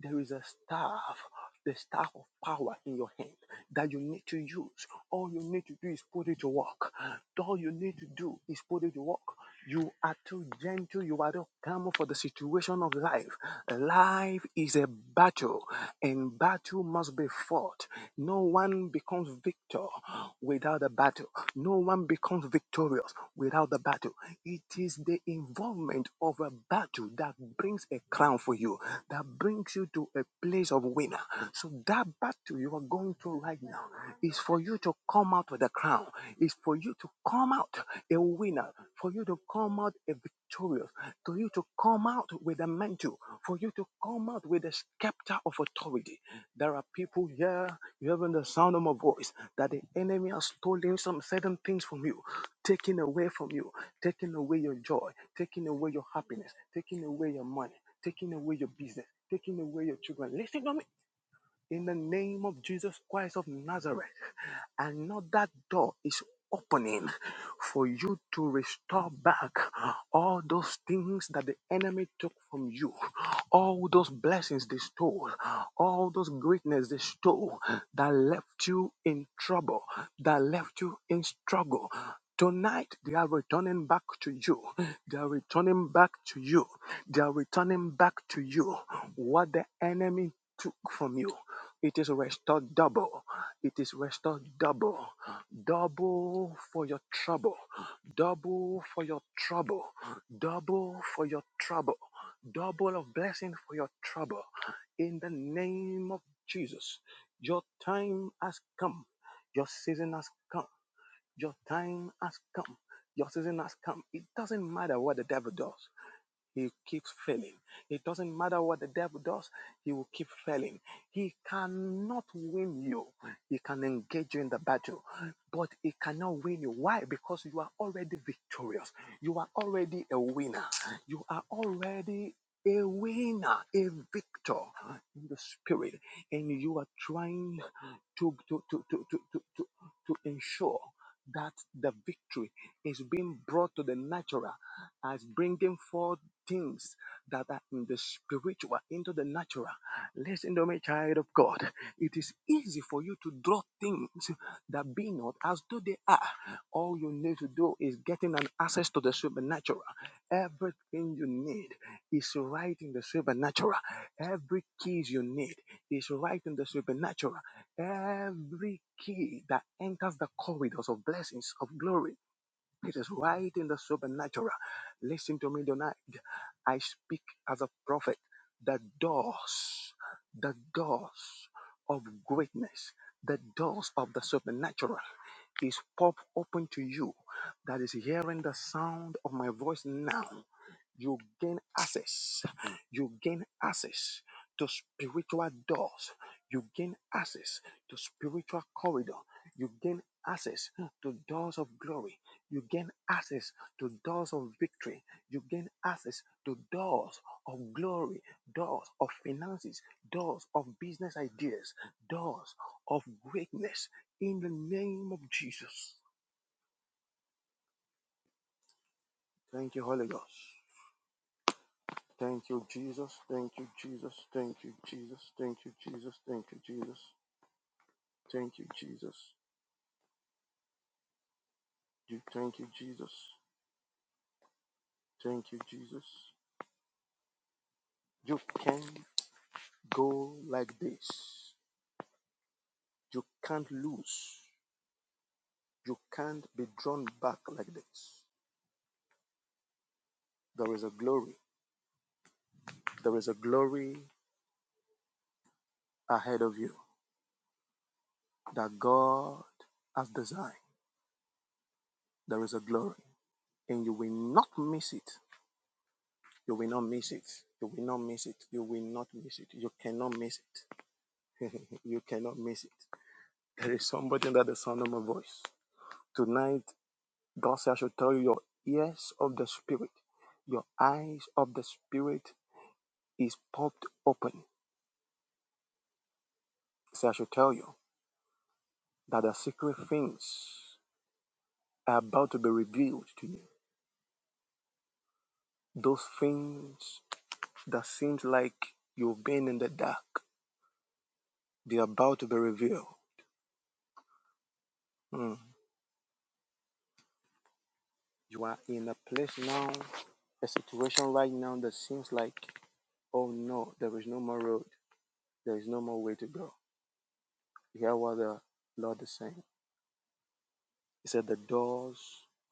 there is a staff. The staff of power in your hand that you need to use. All you need to do is put it to work. All you need to do is put it to work. You are too gentle. You are not calm for the situation of life. Life is a battle, and battle must be fought. No one becomes victor without a battle. No one becomes victorious without the battle. It is the involvement of a battle that brings a crown for you, that brings you to a place of winner. So that battle you are going through right now is for you to come out with a crown. Is for you to come out a winner. For you to come out a victorious. For you to come out with a mantle. For you to come out with a scepter of authority. There are people here, you have the sound of my voice, that the enemy has stolen some certain things from you, taken away from you, taking away your joy, taking away your happiness, taking away your money, taking away your business, taking away your children. Listen to me in the name of Jesus Christ of Nazareth. Another door is opening for you to restore back all those things that the enemy took from you, all those blessings they stole, all those greatness they stole that left you in trouble, that left you in struggle. Tonight, they are returning back to you. They are returning back to you. They are returning back to you what the enemy took from you, it is restored double. It is restored double. Double for your trouble. Double for your trouble. Double for your trouble. Double of blessing for your trouble. In the name of Jesus, your time has come. Your season has come. Your time has come. Your season has come. It doesn't matter what the devil does. He keeps failing. It doesn't matter what the devil does, he will keep failing. He cannot win you. He can engage you in the battle, but he cannot win you. Why? Because you are already victorious. You are already a winner. You are already a winner, a victor in the spirit. And you are trying to, to, to, to, to, to, to, to ensure that the victory is being brought to the natural as bringing forth things that are in the spiritual into the natural. Listen to me, child of God. It is easy for you to draw things that be not as though they are. All you need to do is getting an access to the supernatural. Everything you need is right in the supernatural. Every keys you need is right in the supernatural. Every key that enters the corridors of blessings, of glory, it is right in the supernatural. Listen to me tonight. I speak as a prophet. The doors, the doors of greatness, the doors of the supernatural is pop open to you that is hearing the sound of my voice now. You gain access. You gain access to spiritual doors. You gain access to spiritual corridor. You gain access to doors of glory. You gain access to doors of victory. You gain access to doors of glory, doors of finances, doors of business ideas, doors of greatness in the name of Jesus. Thank you, Holy Ghost. Thank you, Jesus. Thank you, Jesus. Thank you, Jesus. Thank you, Jesus. Thank you, Jesus. Thank you, Jesus. You thank you, Jesus. Thank you, Jesus. You can go like this. You can't lose. You can't be drawn back like this. There is a glory. There is a glory ahead of you that God has designed. There is a glory. And you will not miss it. You will not miss it. You will not miss it. You will not miss it. You cannot miss it. <laughs> you cannot miss it. There is somebody under the sound of my voice. Tonight, God says, I should tell you your ears of the Spirit, your eyes of the Spirit is popped open. So I should tell you. that the secret things are about to be revealed to you. Those things that seems like you've been in the dark, they're about to be revealed. Mm. You are in a place now, a situation right now that seems like, oh no, there is no more road. There is no more way to go. You hear what the Lord is saying? He said the doors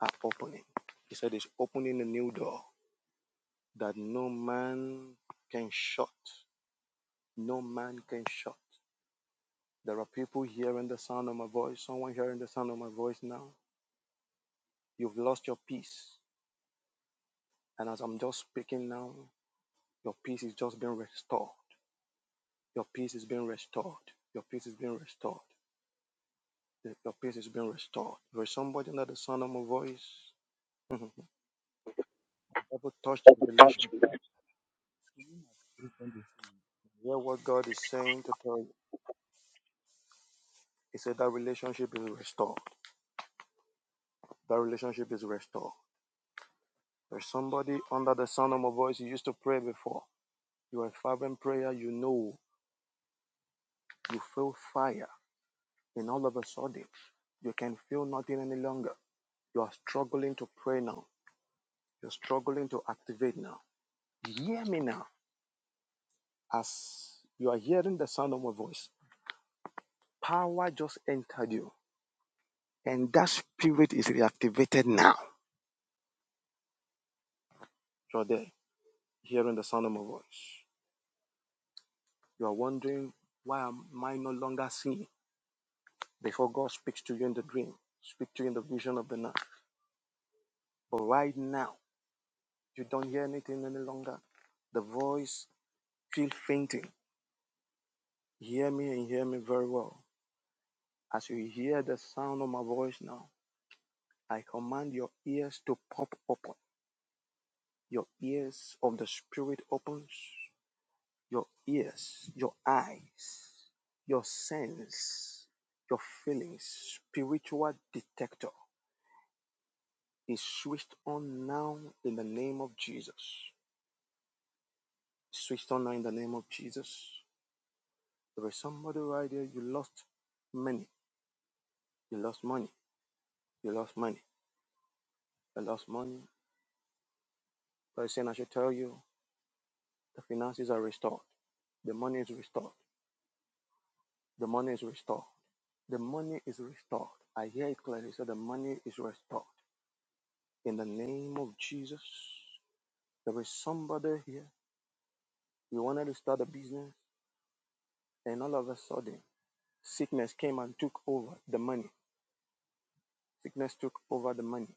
are opening. He said it's opening a new door that no man can shut. No man can shut. There are people hearing the sound of my voice, someone hearing the sound of my voice now. You've lost your peace. And as I'm just speaking now, your peace is just being restored. Your peace is being restored. Your peace is being restored. Your peace is being restored. There's somebody under the sound of my voice. Mhm. Never touched relationship. Hear what God is saying to tell you. He said that relationship is restored. That relationship is restored. There's somebody under the sound of my voice you used to pray before. You are a fervent prayer, you know you feel fire And all of a sudden, you can feel nothing any longer. You are struggling to pray now. You're struggling to activate now. Hear me now. As you are hearing the sound of my voice, power just entered you. And that spirit is reactivated now. You're there, hearing the sound of my voice. You are wondering, why am I no longer seeing? Before God speaks to you in the dream, speak to you in the vision of the night. But right now, you don't hear anything any longer. The voice feel fainting Hear me and hear me very well. As you hear the sound of my voice now, I command your ears to pop open. Your ears of the Spirit opens. Your ears, your eyes, your sense, your feelings, spiritual detector is switched on now in the name of Jesus. Switched on now in the name of Jesus. There is somebody right there, you lost money. You lost money. You lost money. You lost money. God is saying, I should tell you. The finances are restored. The money is restored. The money is restored. The money is restored. I hear it clearly. So the money is restored. In the name of Jesus, there is somebody here. You wanted to start a business, and all of a sudden, sickness came and took over the money. Sickness took over the money.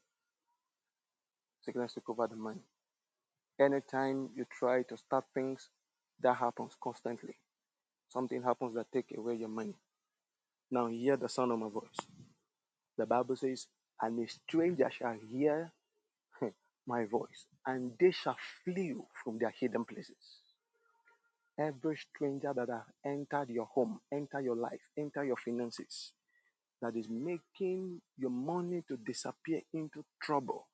Sickness took over the money. Anytime you try to start things, that happens constantly. Something happens that take away your money. Now hear the sound of my voice. The Bible says, and a stranger shall hear my voice, and they shall flee you from their hidden places. Every stranger that have entered your home, enter your life, enter your finances, that is making your money to disappear into trouble,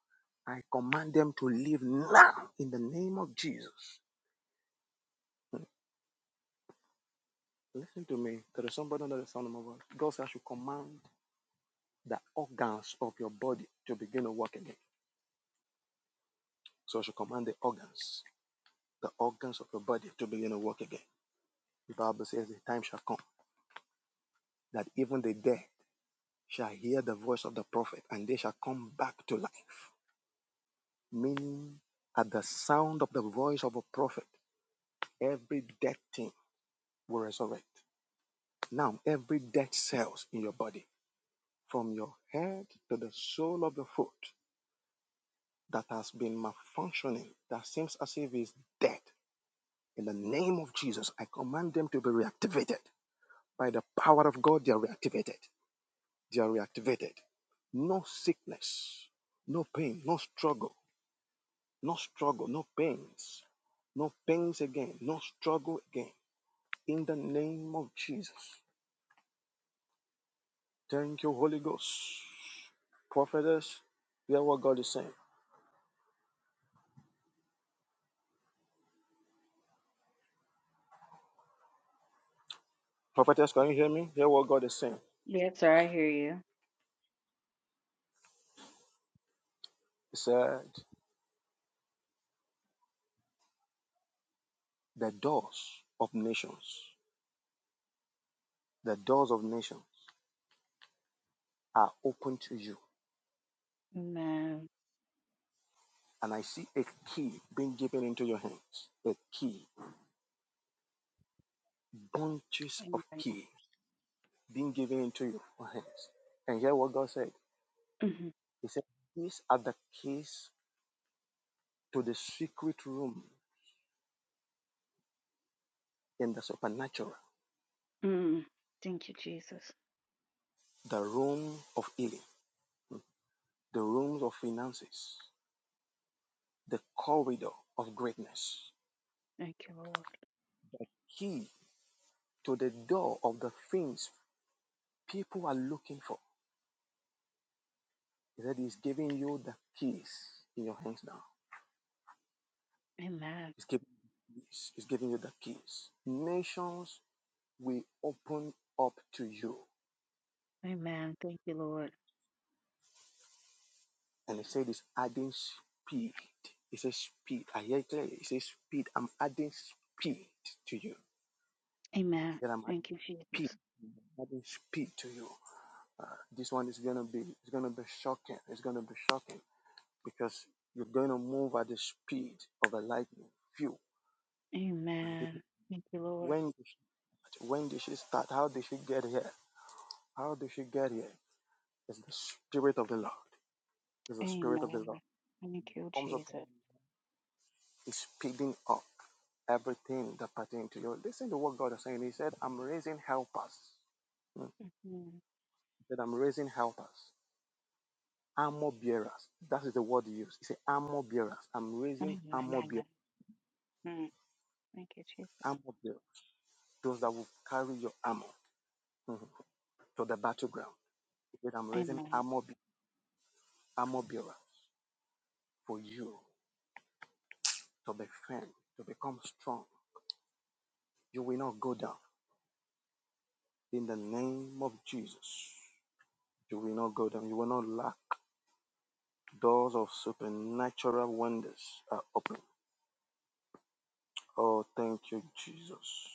I command them to leave now in the name of Jesus. Listen to me. There is somebody under the sound of my voice. God says, I should command the organs of your body to begin to work again. So I should command the organs, the organs of your body to begin to work again. The Bible says the time shall come that even the dead shall hear the voice of the prophet and they shall come back to life. Meaning, at the sound of the voice of a prophet, every dead thing will resurrect. Now, every dead cells in your body, from your head to the sole of your foot, that has been malfunctioning, that seems as if it's dead, in the name of Jesus, I command them to be reactivated. By the power of God, they are reactivated. They are reactivated. No sickness, no pain, no struggle No struggle, no pains, no pains again, no struggle again. In the name of Jesus. Thank you, Holy Ghost. Prophetess, hear what God is saying. Prophetess, can you hear me? Hear what God is saying. Yes, sir, I hear you. He said, The doors of nations, the doors of nations are open to you. Amen. And I see a key being given into your hands. A key, bunches of Amen. keys being given into your hands. And hear what God said. Mhm. He said, These are the keys to the secret room in the supernatural, Mm. Thank you, Jesus. the room of healing, the rooms of finances, the corridor of greatness, Thank you, Lord. key to the door of the things people are looking for. He said he's giving you the keys in your hands now. He's giving you the keys. He's giving you the keys. Nations will open up to you. And he said he's adding speed. He says speed. I hear it clearly. He says speed. I'm adding speed to you. that I'm adding P. I'm adding P to you. Uh, this one is gonna be it's gonna be shocking. It's gonna be shocking because you're gonna move at the speed of a lightning few. And people, when did she start? when did she start? How did she get here? How did she get here? It's the spirit of the Lord. It's the spirit of the Lord. Comes upon is speeding up everything that pertains to you. Listen to what God is saying. He said, I'm raising helpers. Hmm. He said, I'm raising helpers. armor bearers. That is the word he used. He said, armor bearers. I'm raising armor bearers, armor bearers, those that will carry your armor mhm, to the battleground. He said, I'm raising armor, be- armor bearers for you to be firm, to become strong. You will not go down. In the name of Jesus, you will not go down. You will not lack. Doors of supernatural wonders are open. Oh, thank you, Jesus.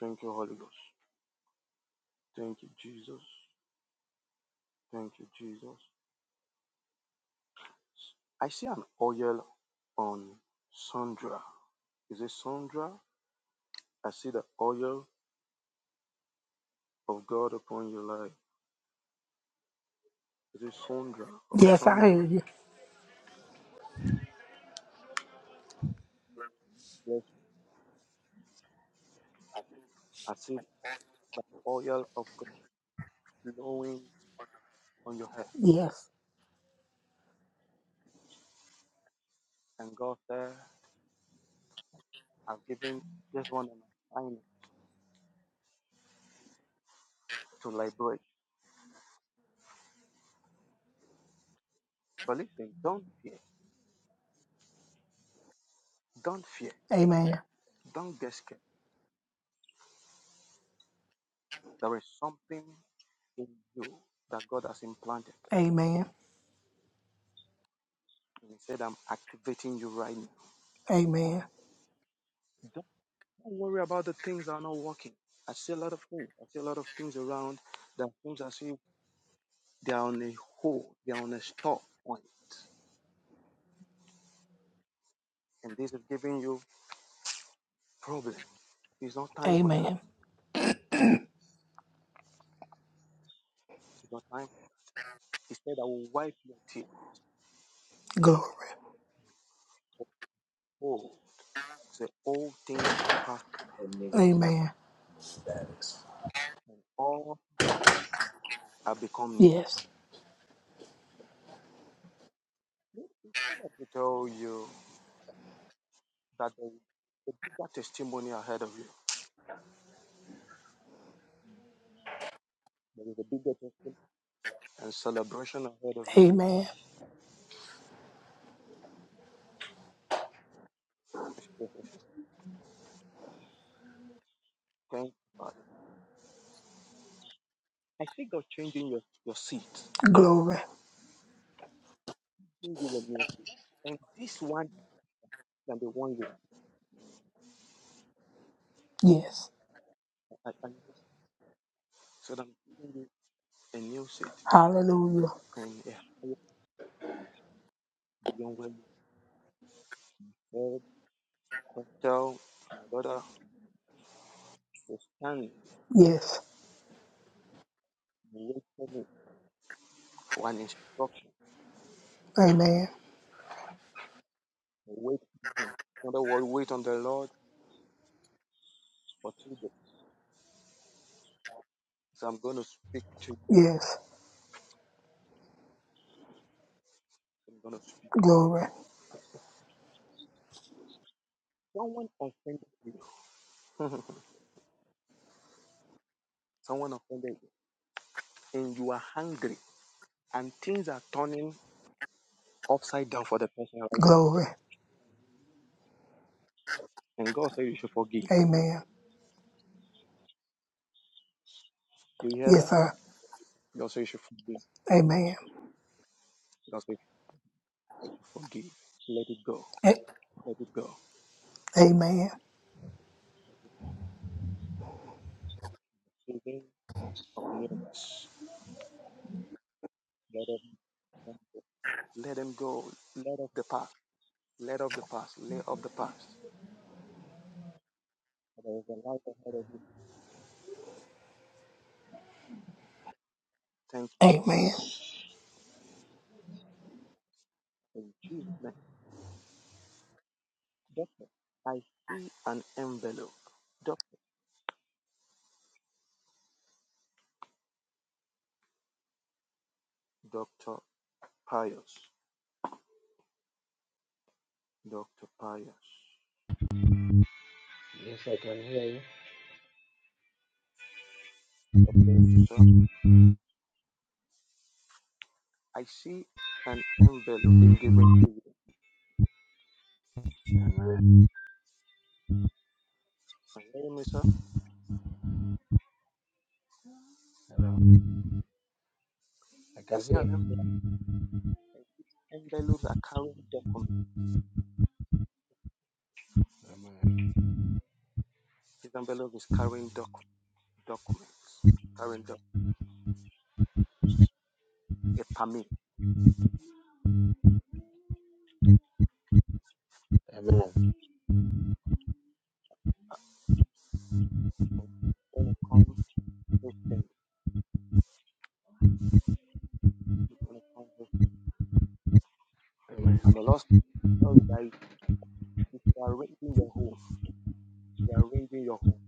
Thank you, Holy Ghost. Thank you, Jesus. Thank you, Jesus. I see an oil on Sandra. Is it Sandra? I see the oil of God upon your life. Is it Sandra or Yes, I hear Sandra? you. Yes. I see the oil of God flowing on your head. Yes. And God said, I've given this one an assignment to liberate. But listen, don't fear. Don't fear. Amen. Don't get scared. There is something in you that God has implanted. Amen. And He said, I'm activating you right now. Amen. Don't worry about the things that are not working. I see a lot of things. I see a lot of things around that seems as if they are on a hold, they are on a stop point. And this is giving you problem. It's not time for that. Amen. It's not time. He said, I will wipe your tears. Glory. Oh, the old things are past Amen. and all things have become new. Yes. Let me tell you that there is a bigger testimony ahead of you. There is a bigger testimony and celebration ahead of Amen. you. <laughs> Thank you, Father. I see God changing your, your seat, Glory. giving you a new seat. And this one than the one you Yes. are at at this. So that I'm giving you a new seat Hallelujah. and a higher beyond where you said. So tell my daughter to stand and Yes. wait for me for an instruction. Amen. And Wait on him. In other words, wait on the Lord for two days. So I'm going to speak to you. Yes. I'm going to speak to you. Glory. Someone offended you. <laughs> Someone offended you. And you are hungry. And things are turning upside down for the person right now. Glory. And God said you should forgive. Amen. Do you hear Yes, that? sir. God said you should forgive. Amen. God said you should forgive. Let it go. A- Let it go. Amen. Season of nearness. Let them let them go. Let off the past. Let off the past. Let off the past. There is a light ahead of you. Thank you, Father. Amen. In Jesus' name. Doctor, I see an envelope. Doctor, Doctor Pius. Doctor Pius. Yes, I can hear you. God bless you, sir. I see an envelope being given to you. Amen. Can sir? Hello. I I can see an hear you. envelope. and These envelopes are carrying documents. Amen. This envelope is carrying doc- documents, carrying doc- a permit. Amen. And this gonna come with them. It's gonna come with them. Amen. And the Lord tell you that if you are arranging your home, if you are arranging your home,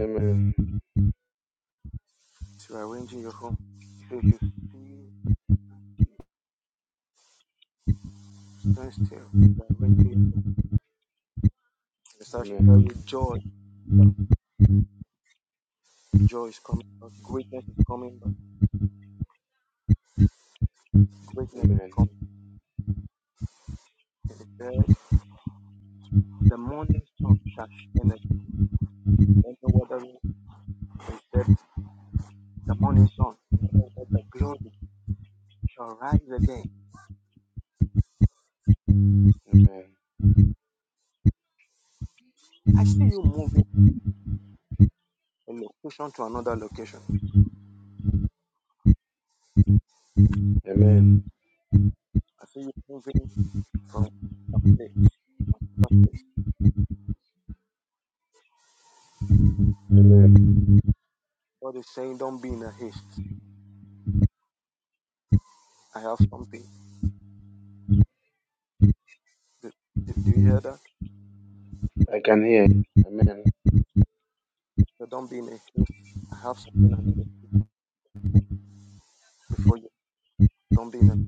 Amen. if you are arranging your home, if you should see, stand still, if you are arranging your home, and the Lord should tell Amen. you joy. but Joy is coming, but greatness is coming, but greatness is Amen. coming. And he said, the morning sun shall shine I don't know whether it said the morning sun, you said the glory shall rise again. Amen. I see you moving from location to another location. Amen. I see you moving from a place to another place. Amen. God is saying, don't be in a haste. I have something. Do, do, do you hear that? I can hear you. Amen. So don't be in a haste. I have something I need to do before you. Don't be in a haste.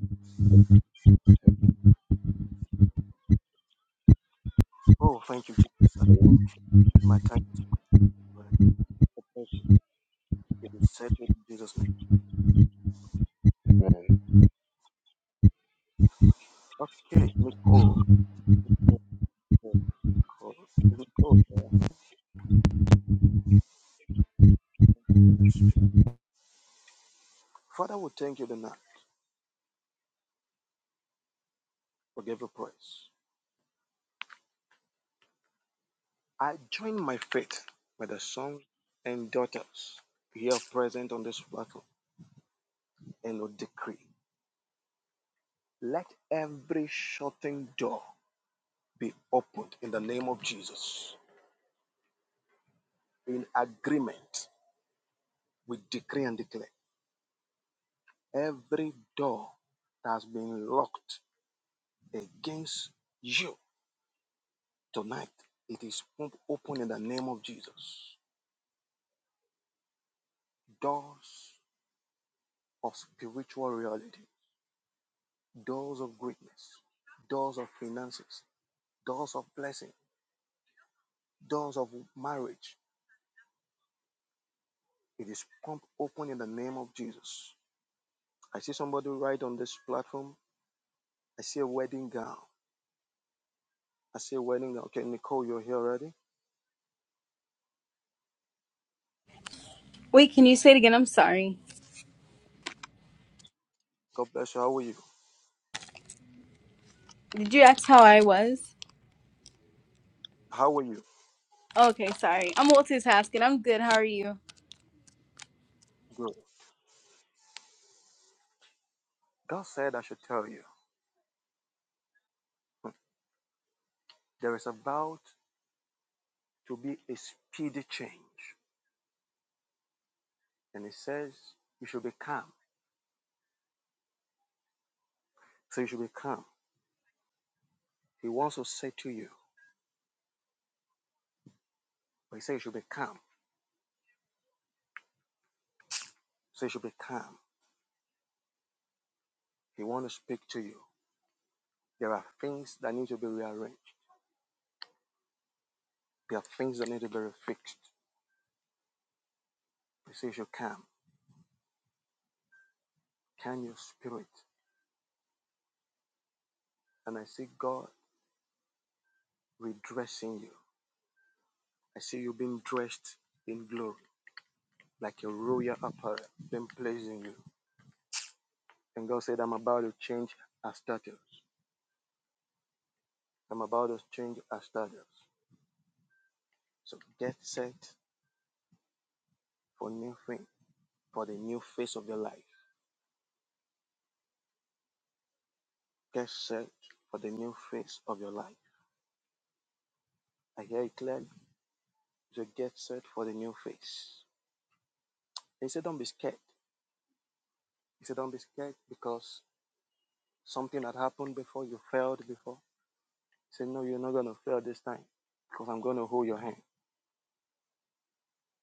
Oh, thank you, Jesus. I think my time is up. It is settled in Jesus' Amen. name. Okay, Nicole. Nicole. Nicole. yeah. Holy Spirit. Father, we thank you tonight for every praise. I join my faith with the sons and daughters here present on this platform and will decree. Let every shutting door be opened in the name of Jesus. In agreement, we decree and declare every door that has been locked against you tonight, it is pumped open in the name of Jesus. Doors of spiritual reality doors of greatness, doors of finances, doors of blessing, doors of marriage. It is pumped open in the name of Jesus. I see somebody right on this platform. I see a wedding gown. I see a wedding gown. Okay, Nicole, you're here already. Wait, can you say it again? I'm sorry. God bless you. How are you? Did you ask how I was? How are you? Okay, sorry. I'm multitasking. I'm good. How are you? Good. God said I should tell you hmm, there is about to be a speedy change. And he says you should be calm. So you should be calm. He wants to say to you, but he says you should be calm. So you should be calm. He want to speak to you. There are things that need to be rearranged. There are things that need to be refixed. He says you calm. Calm your spirit. And I see God redressing you. I see you being dressed in glory, like a royal apparel being placed in you. And God said, I'm about to change our status. I'm about to change our status. So get set for new thing, for the new phase of your life. Get set for the new phase of your life. I hear it clearly. So get set for the new phase. He said, don't be scared. He said, don't be scared because something had happened before, you failed before. He said, no, you're not going to fail this time because I'm going to hold your hand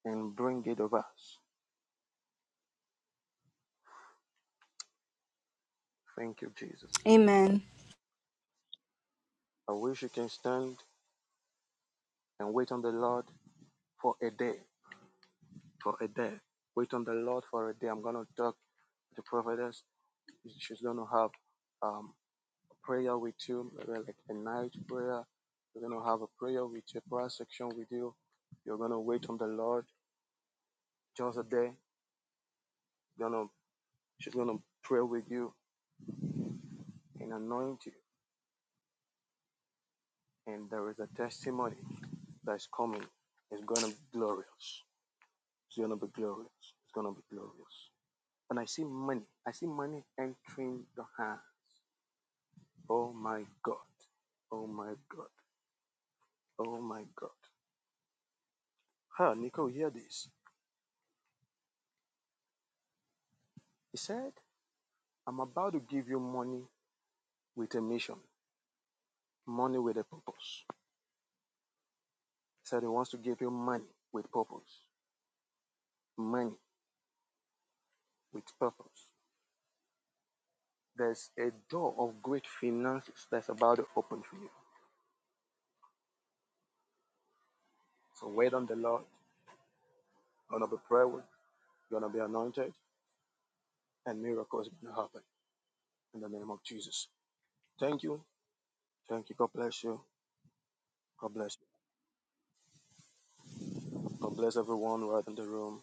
and bring it over us. Thank you, Jesus. Amen. I wish you can stand and wait on the Lord for a day, for a day. Wait on the Lord for a day. I'm going to talk to the prophetess. She's going to have um, a prayer with you, maybe like a night prayer. We're going to have a prayer with you, a prayer section with you. You're going to wait on the Lord just a day gonna she's gonna pray with you and anoint you. And there is a testimony that's coming. It's gonna be glorious. It's gonna be glorious. It's gonna be glorious. And I see money. I see money entering your hand. Oh my God. Oh my God. Oh my God. Huh, Nico, hear this. He said, I'm about to give you money with a mission, money with a purpose. He said he wants to give you money with purpose. Money with purpose. there's a door of great finances that's about to open for you. So wait on the Lord. Gonna be prayed with, gonna be anointed, and miracles are gonna happen in the name of Jesus. Thank you. Thank you. God bless you. God bless you. God bless everyone right in the room.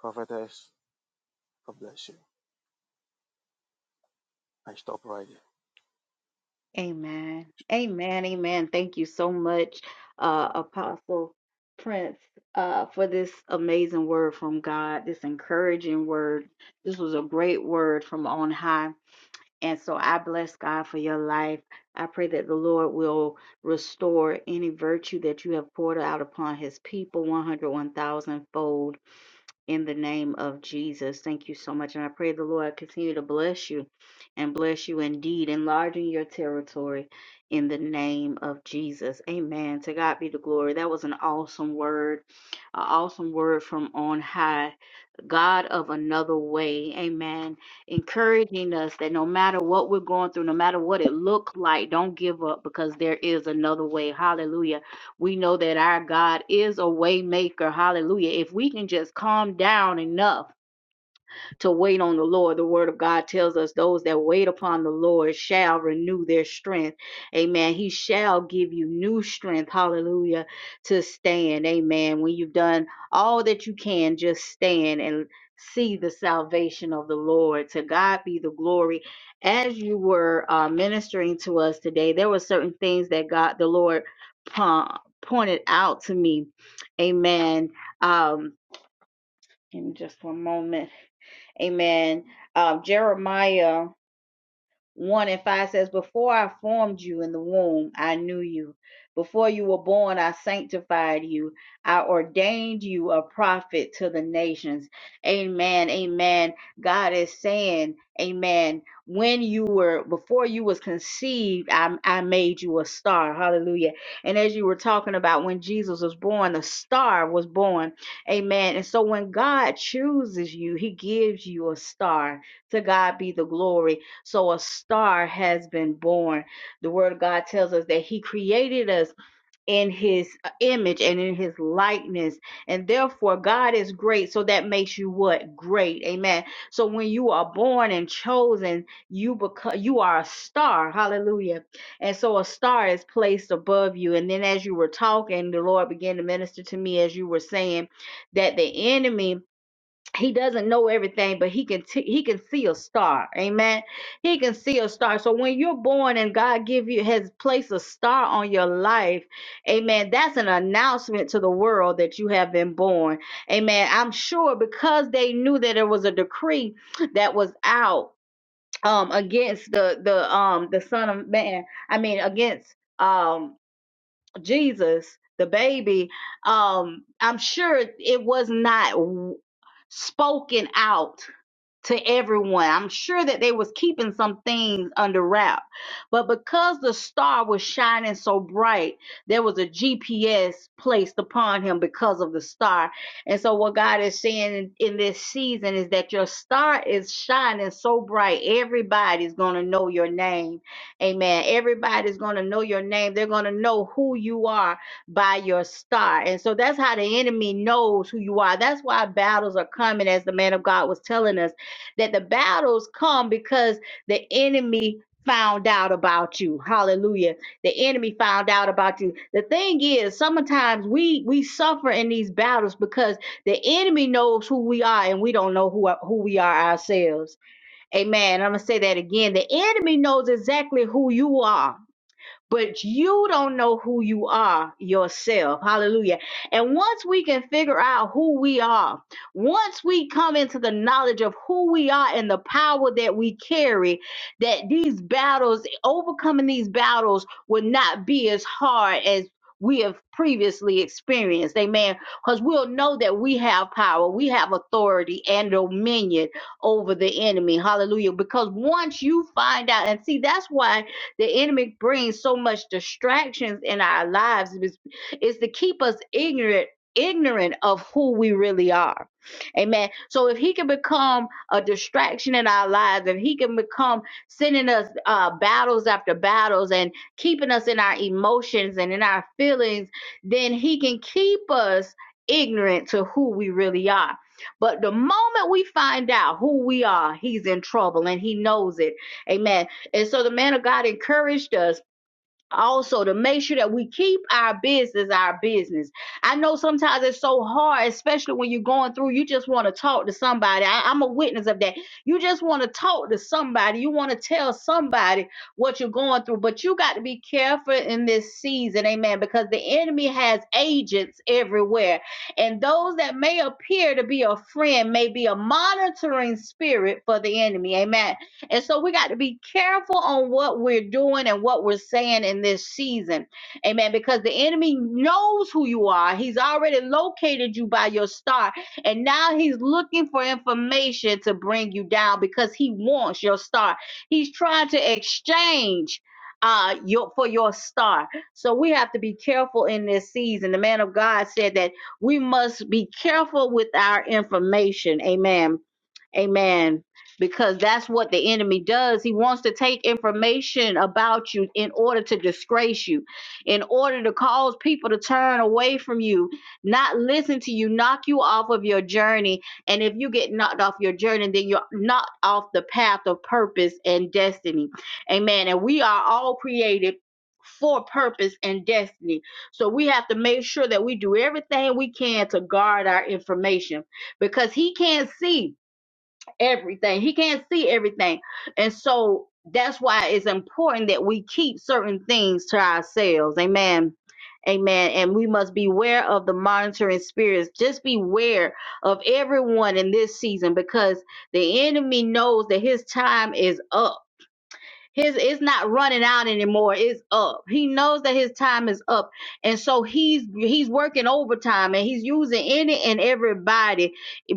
Prophetess, God bless you. I stop right here. Amen. Amen. Amen. Thank you so much, uh, Apostle Prince, uh, for this amazing word from God, this encouraging word. This was a great word from on high. And so I bless God for your life. I pray that the Lord will restore any virtue that you have poured out upon his people 101,000 fold in the name of Jesus. Thank you so much. And I pray the Lord continue to bless you and bless you indeed, enlarging your territory in the name of Jesus. Amen. To God be the glory. That was an awesome word, an awesome word from on high God of another way. Amen. Encouraging us that no matter what we're going through, no matter what it looks like, don't give up because there is another way. Hallelujah. We know that our God is a way maker. Hallelujah. If we can just calm down enough to wait on the Lord. The word of God tells us those that wait upon the Lord shall renew their strength. Amen. He shall give you new strength. Hallelujah. To stand. Amen. When you've done all that you can, just stand and see the salvation of the Lord. To God be the glory. As you were uh, ministering to us today, there were certain things that God, the Lord, po- pointed out to me. Amen. Um, give just one moment. Amen. Um, Jeremiah. 1 and 5 says, Before I formed you in the womb, I knew you. Before you were born, I sanctified you. I ordained you a prophet to the nations. Amen. Amen. God is saying, Amen. When you were, before you was conceived, I, I made you a star. Hallelujah. And as you were talking about when Jesus was born, the star was born. Amen. And so when God chooses you, he gives you a star. To God be the glory. So a star has been born. The word of God tells us that he created us in his uh, image and in his likeness. And therefore, God is great. So that makes you what? Great. Amen. So when you are born and chosen, you become you are a star. Hallelujah. And so a star is placed above you. And then as you were talking, the Lord began to minister to me as you were saying that the enemy he doesn't know everything but he can t- he can see a star amen he can see a star so when you're born and god give you has placed a star on your life amen that's an announcement to the world that you have been born amen i'm sure because they knew that there was a decree that was out um against the the um the son of man i mean against um Jesus, the baby, um, I'm sure it was not w- spoken out to everyone. I'm sure that they was keeping some things under wrap. But because the star was shining so bright, there was a GPS placed upon him because of the star. And so what God is saying in, in this season is that your star is shining so bright, everybody's going to know your name. Amen. Everybody's going to know your name. They're going to know who you are by your star. And so that's how the enemy knows who you are. That's why battles are coming as the man of God was telling us that the battles come because the enemy found out about you hallelujah the enemy found out about you the thing is sometimes we we suffer in these battles because the enemy knows who we are and we don't know who who we are ourselves amen i'm gonna say that again the enemy knows exactly who you are but you don't know who you are yourself. Hallelujah. And once we can figure out who we are, once we come into the knowledge of who we are and the power that we carry, that these battles, overcoming these battles, will not be as hard as we have previously experienced. Amen. Because we'll know that we have power, we have authority and dominion over the enemy. Hallelujah. Because once you find out, and see, that's why. The enemy brings so much distractions in our lives is, is to keep us ignorant ignorant of who we really are. Amen. So if he can become a distraction in our lives, if he can become sending us uh, battles after battles and keeping us in our emotions and in our feelings, then he can keep us ignorant to who we really are. But the moment we find out who we are, he's in trouble and he knows it. Amen. And so the man of God encouraged us also to make sure that we keep our business our business. I know sometimes it's so hard, especially when you're going through, you just want to talk to somebody. I, I'm a witness of that. You just want to talk to somebody. You want to tell somebody what you're going through, but you got to be careful in this season, amen, because the enemy has agents everywhere. And those that may appear to be a friend may be a monitoring spirit for the enemy, amen. And so we got to be careful on what we're doing and what we're saying in this season. Amen. Because the enemy knows who you are. He's already located you by your star. And now he's looking for information to bring you down because he wants your star. He's trying to exchange uh your for your star. So we have to be careful in this season. The man of God said that we must be careful with our information. Amen. Amen because that's what the enemy does. He wants to take information about you in order to disgrace you, in order to cause people to turn away from you, not listen to you, knock you off of your journey. And if you get knocked off your journey, then you're knocked off the path of purpose and destiny. Amen. And we are all created. For purpose and destiny. So we have to make sure that we do everything we can to guard our information because he can't see everything. He can't see everything. And so that's why it's important that we keep certain things to ourselves. Amen. Amen. And we must beware of the monitoring spirits. Just beware of everyone in this season because the enemy knows that his time is up his it's not running out anymore. It's up. He knows that his time is up. And so he's he's working overtime and he's using any and everybody.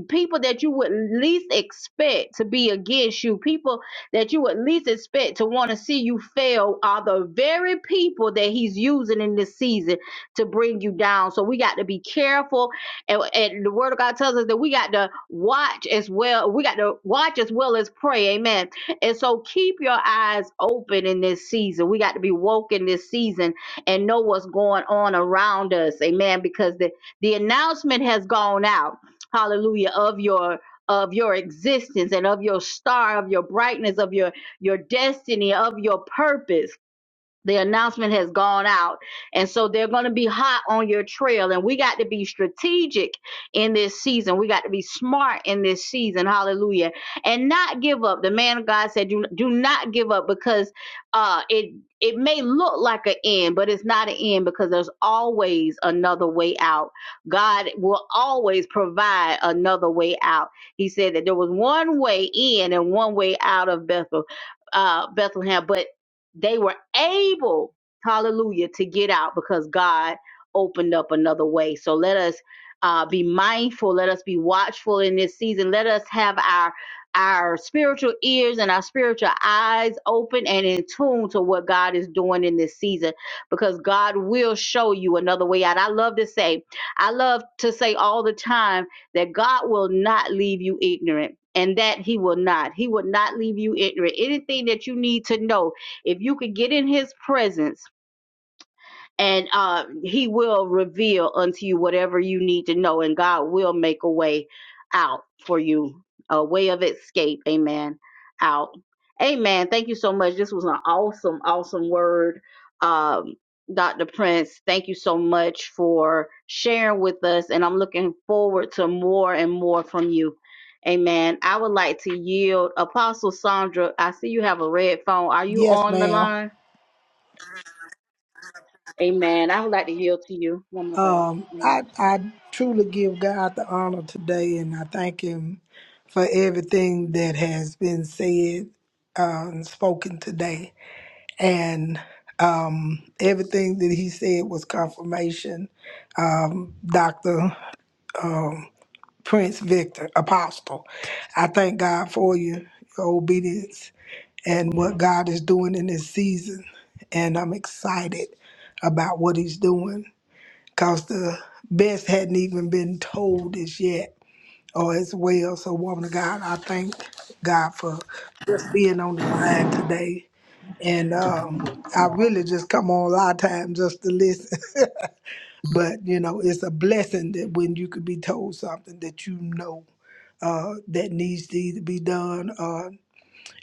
People that you would least expect to be against you, people that you would least expect to want to see you fail are the very people that he's using in this season to bring you down. So we got to be careful. And, and the word of God tells us that we got to watch as well. We got to watch as well as pray. Amen and so keep your eyes open in this season. We got to be woke in this season and know what's going on around us. Amen. Because the, the announcement has gone out, hallelujah, of your of your existence and of your star, of your brightness, of your your destiny, of your purpose the announcement has gone out and so they're going to be hot on your trail and we got to be strategic in this season we got to be smart in this season hallelujah and not give up the man of god said do, do not give up because uh it it may look like an end but it's not an end because there's always another way out god will always provide another way out he said that there was one way in and one way out of bethel uh bethlehem but they were able, hallelujah, to get out because God opened up another way. So let us uh, be mindful. Let us be watchful in this season. Let us have our our spiritual ears and our spiritual eyes open and in tune to what God is doing in this season because God will show you another way out. I love to say, I love to say all the time that God will not leave you ignorant and that he will not. He will not leave you ignorant. Anything that you need to know, if you could get in his presence and uh, he will reveal unto you whatever you need to know, and God will make a way out for you, a way of escape. Amen. Out. Amen. Thank you so much. This was an awesome, awesome word. Um, Dr. Prince, thank you so much for sharing with us, and I'm looking forward to more and more from you. Amen. I would like to yield Apostle Sandra. I see you have a red phone. Are you Yes, on the ma'am. line? Amen. I would like to yield to you. Um, I I truly give God the honor today, and I thank Him for everything that has been said uh, and spoken today, and um, everything that He said was confirmation. Doctor Prince Victor Apostle, I thank God for you, your obedience, and what God is doing in this season, and I'm excited about what He's doing, cause the best hadn't even been told as yet Oh, as well. So, woman of God, I thank God for just being on the line today. And um, I really just come on a lot of times just to listen. <laughs> But, you know, it's a blessing that when you could be told something that you know uh, that needs to either be done uh,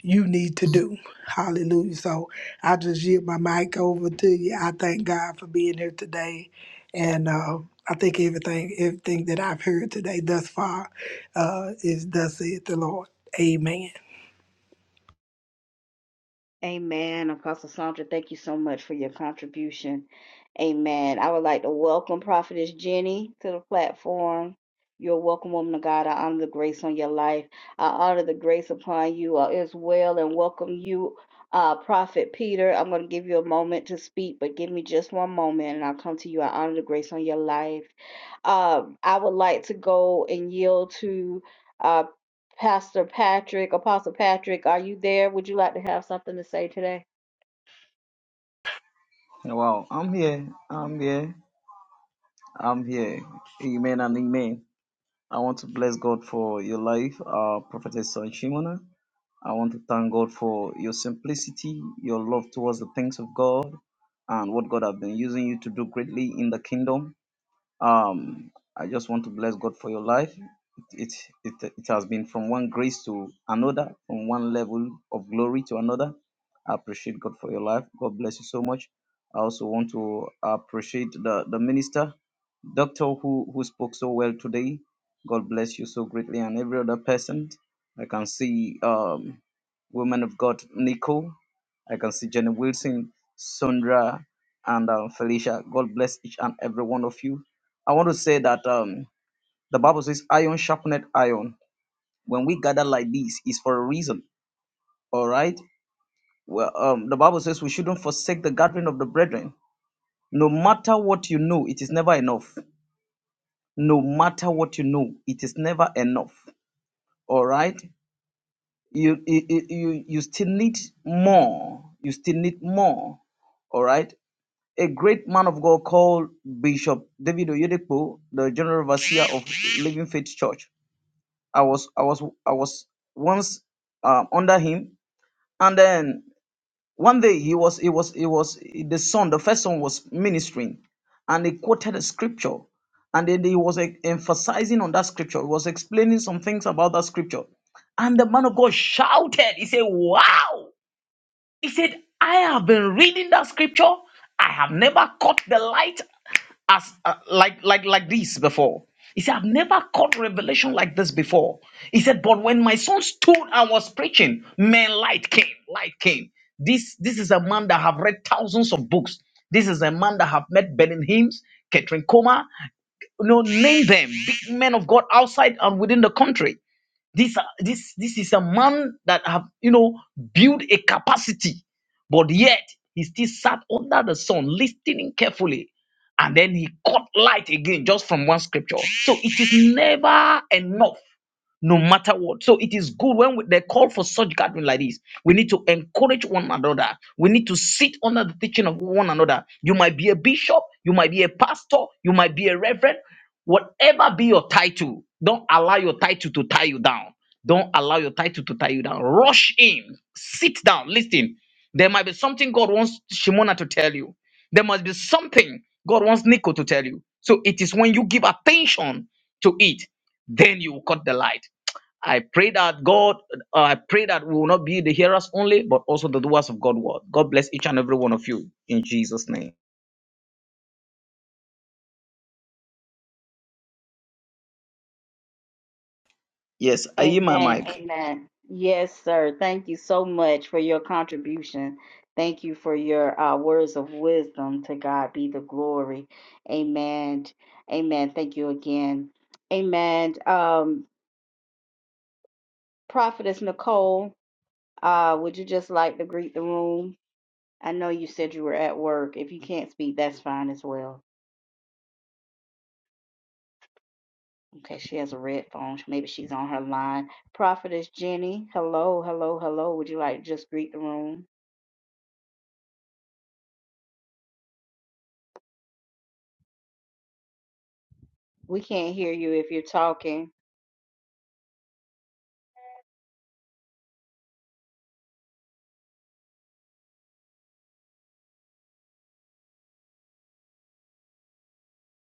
you need to do. Hallelujah. So I just yield my mic over to you. I thank God for being here today. And uh, I think everything everything that I've heard today thus far uh, is thus saith the Lord. Amen. Amen. Apostle Sandra, thank you so much for your contribution. Amen. I would like to welcome Prophetess Jenny to the platform. You're welcome, woman of God. I honor the grace on your life. I honor the grace upon you uh, as well and welcome you, uh, Prophet Peter. I'm going to give you a moment to speak, but give me just one moment and I'll come to you. I honor the grace on your life. Um, I would like to go and yield to. uh, Pastor Patrick, Apostle Patrick, are you there? Would you like to have something to say today? Wow, I'm here. I'm here. I'm here. Amen and amen. I want to bless God for your life, uh, Prophetess Son Shimona. I want to thank God for your simplicity, your love towards the things of God, and what God has been using you to do greatly in the kingdom. Um, I just want to bless God for your life. It, it, it, it has been from one grace to another, from one level of glory to another. I appreciate God for your life. God bless you so much. I also want to appreciate the, the minister, doctor who, who spoke so well today. God bless you so greatly, and every other person. I can see um, women of God, Nicole. I can see Jenny Wilson, Sandra, and um, Felicia. God bless each and every one of you I want to say that um, the Bible says, iron sharpened iron. When we gather like this, it's for a reason. All right. Well, um, the Bible says we shouldn't forsake the gathering of the brethren. No matter what you know, it is never enough. No matter what you know, it is never enough. All right. You you you, you you still need more. You still need more. All right a great man of God called Bishop David Oyedepo, the general overseer of Living Faith Church. I was I was I was once um, under him, and then one day he was he was he was the son the first son was ministering, and he quoted a scripture, and then he was like, emphasizing on that scripture. He was explaining some things about that scripture, and the man of God shouted. He said, "Wow!" He said, I have been reading that scripture. I have never caught the light as uh, like like like this before. He said, I've never caught revelation like this before. He said, but when my son stood and was preaching, man, light came, light came. This this is a man that have read thousands of books. This is a man that have met Benin hymns, Catherine Coma, you know, name them, big men of God outside and within the country. This, uh, this, this is a man that have, you know, built a capacity, but yet he still sat under the sun, listening carefully. And then he caught light again just from one scripture. So it is never enough no matter what. So it is good when we, they call for such gathering like this. We need to encourage one another. We need to sit under the teaching of one another. You might be a bishop, you might be a pastor, you might be a reverend, Whatever be your title, don't allow your title to tie you down. Don't allow your title to tie you down. Rush in, sit down, listen. There might be something God wants Shimona to tell you. There must be something God wants Nico to tell you. So it is when you give attention to it, then you will cut the light. I pray that God, uh, I pray that we will not be the hearers only, but also the doers of God's word. God bless each and every one of you in Jesus' name. Yes, I hear my Amen. mic. Amen. Yes, sir. Thank you so much for your contribution. Thank you for your uh, words of wisdom. To God be the glory. Amen. Amen. Thank you again. Amen. Um, Prophetess Nicole, uh, would you just like to greet the room? I know you said you were at work. If you can't speak, that's fine as well. Okay, she has a red phone. Maybe she's on her line. Prophetess Jenny, hello, hello, hello. Would you like to just greet the room? We can't hear you if you're talking.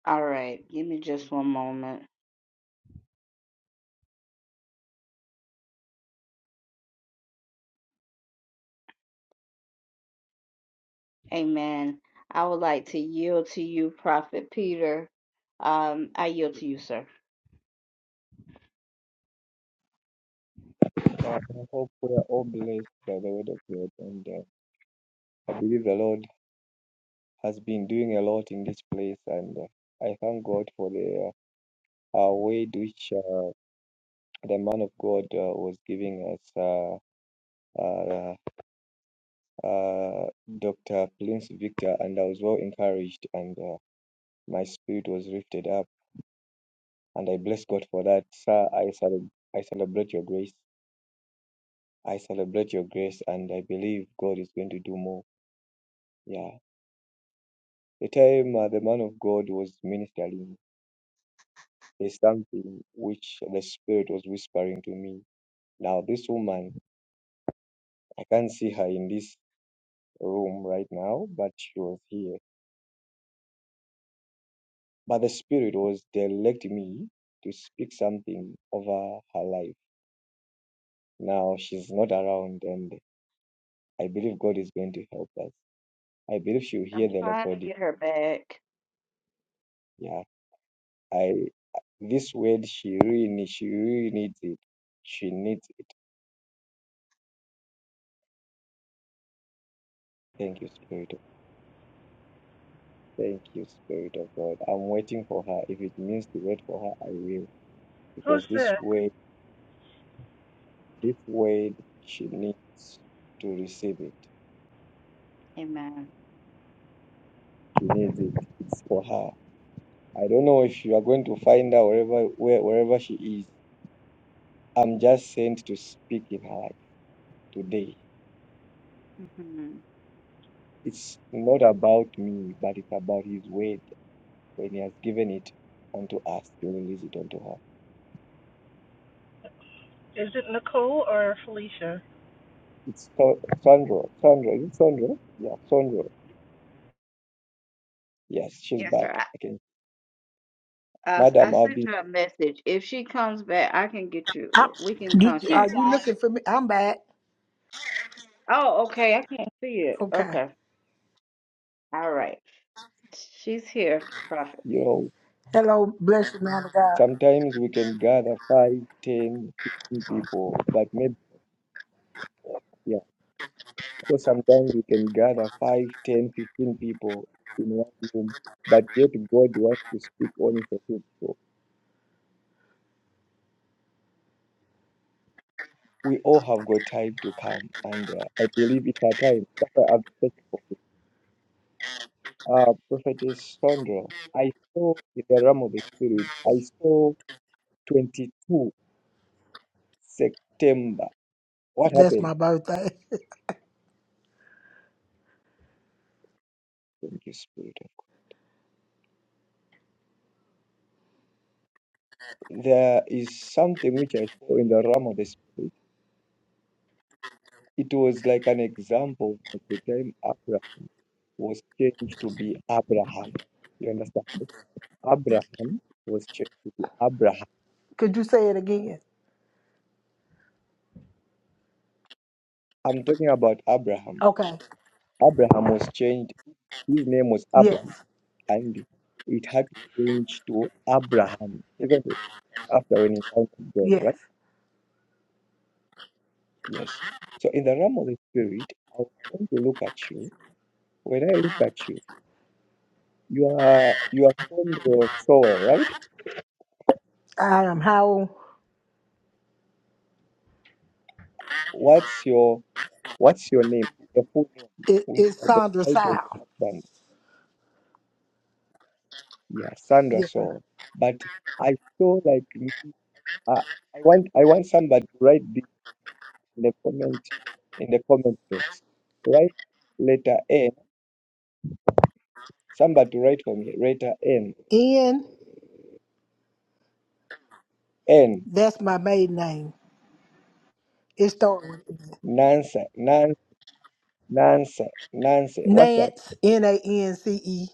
All right, give me just one moment. Amen. I would like to yield to you, Prophet Peter. Um, I yield to you, sir. I hope we are all blessed by the word of God, and uh, I believe the Lord has been doing a lot in this place, and uh, I thank God for the uh, uh, word which uh, the man of God uh, was giving us, uh, uh, uh, Dr. Prince Victor, and I was well encouraged, and uh, my spirit was lifted up, and I bless God for that. Sir, I, cele- I celebrate your grace. I celebrate your grace, and I believe God is going to do more. Yeah. The time uh, the man of God was ministering is something which the Spirit was whispering to me. Now, this woman, I can't see her in this room right now, but she was here. But the Spirit was directing me to speak something over her life. Now, she's not around, and I believe God is going to help us. I believe she'll hear the recording. Yeah, I this word she really, she really needs it. She needs it. Thank you, Spirit. of Thank you, Spirit of God. I'm waiting for her. If it means to wait for her, I will. Who's Because this that? word, this word, she needs to receive it. She needs it. It's for her. I don't know if you are going to find her wherever where, wherever she is. I'm just sent to speak in her life today. Hmm. It's not about me, but it's about his word. When he has given it unto us, to release it unto her. Is it Nicole or Felicia? It's so, Sandra. Sandra. Is it Sandra? Yeah, Sandra. Yes, she's Yes, back. sir. Okay. I, I, I Madam, I've sent been, her a message. If she comes back, I can get i you. We can you, She's are contact you her. back. looking for me? I'm back. Oh, okay. I can't see it. Okay. Okay. All right. She's here, Prophet. you know, Hello, blessed man of God. sometimes we can gather five, ten, fifteen people, but maybe, yeah. So sometimes we can gather five, ten, fifteen people in one room, but yet God wants to speak only for two people. We all have got time to come, and uh, I believe it's our time. That's why I'm thankful for you. Uh, Prophetess Sandra, I saw in the realm of the spirit, I saw 22 September. What That's happened? my birthday. Thank you, Spirit. There is something which I saw in the realm of the spirit. It was like an example at the time Abraham was changed to be Abraham. You understand? Abraham was changed to be Abraham. <laughs> Could you say it again? I'm talking about Abraham. Okay. Abraham was changed. His name was Yes. Abraham, and it had to change to Abraham, isn't it? After when he encountered God, Yes. right? Yes. So in the realm of the spirit, I was trying to look at you. When I look at you. You are you are from your soil, right? I am how What's your what's your name? Your full name it, with it's the Sandra title of your Sile. husband. Yeah, Sandra Yes, Soul. But I saw like you- uh, I want I want somebody to write this in the comment in the comment box. Write letter N. Somebody to write for me. Letter N. sir. N. That's my maiden name. It starts with Nancy. Nan. Nancy. Nancy. What's that? Nance, N A N C E,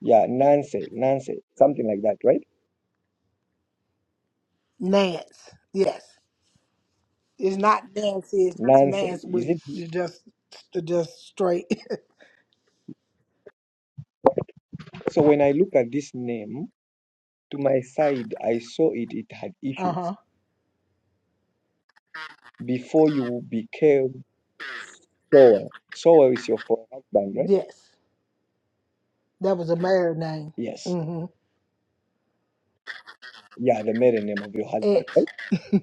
Yeah, Nancy. Nancy. Something like that, right? Nance. Yes, it's not Nancy. It's just Nancy. Nance Is with it? just just straight. <laughs> So when I look at this name, to my side, I saw it, it had Uh issues. huh. Before you became Sower, Sower is your for husband, right? Yes, that was a married name. Yes. Mm-hmm. Yeah, the maiden name of your husband, X. right?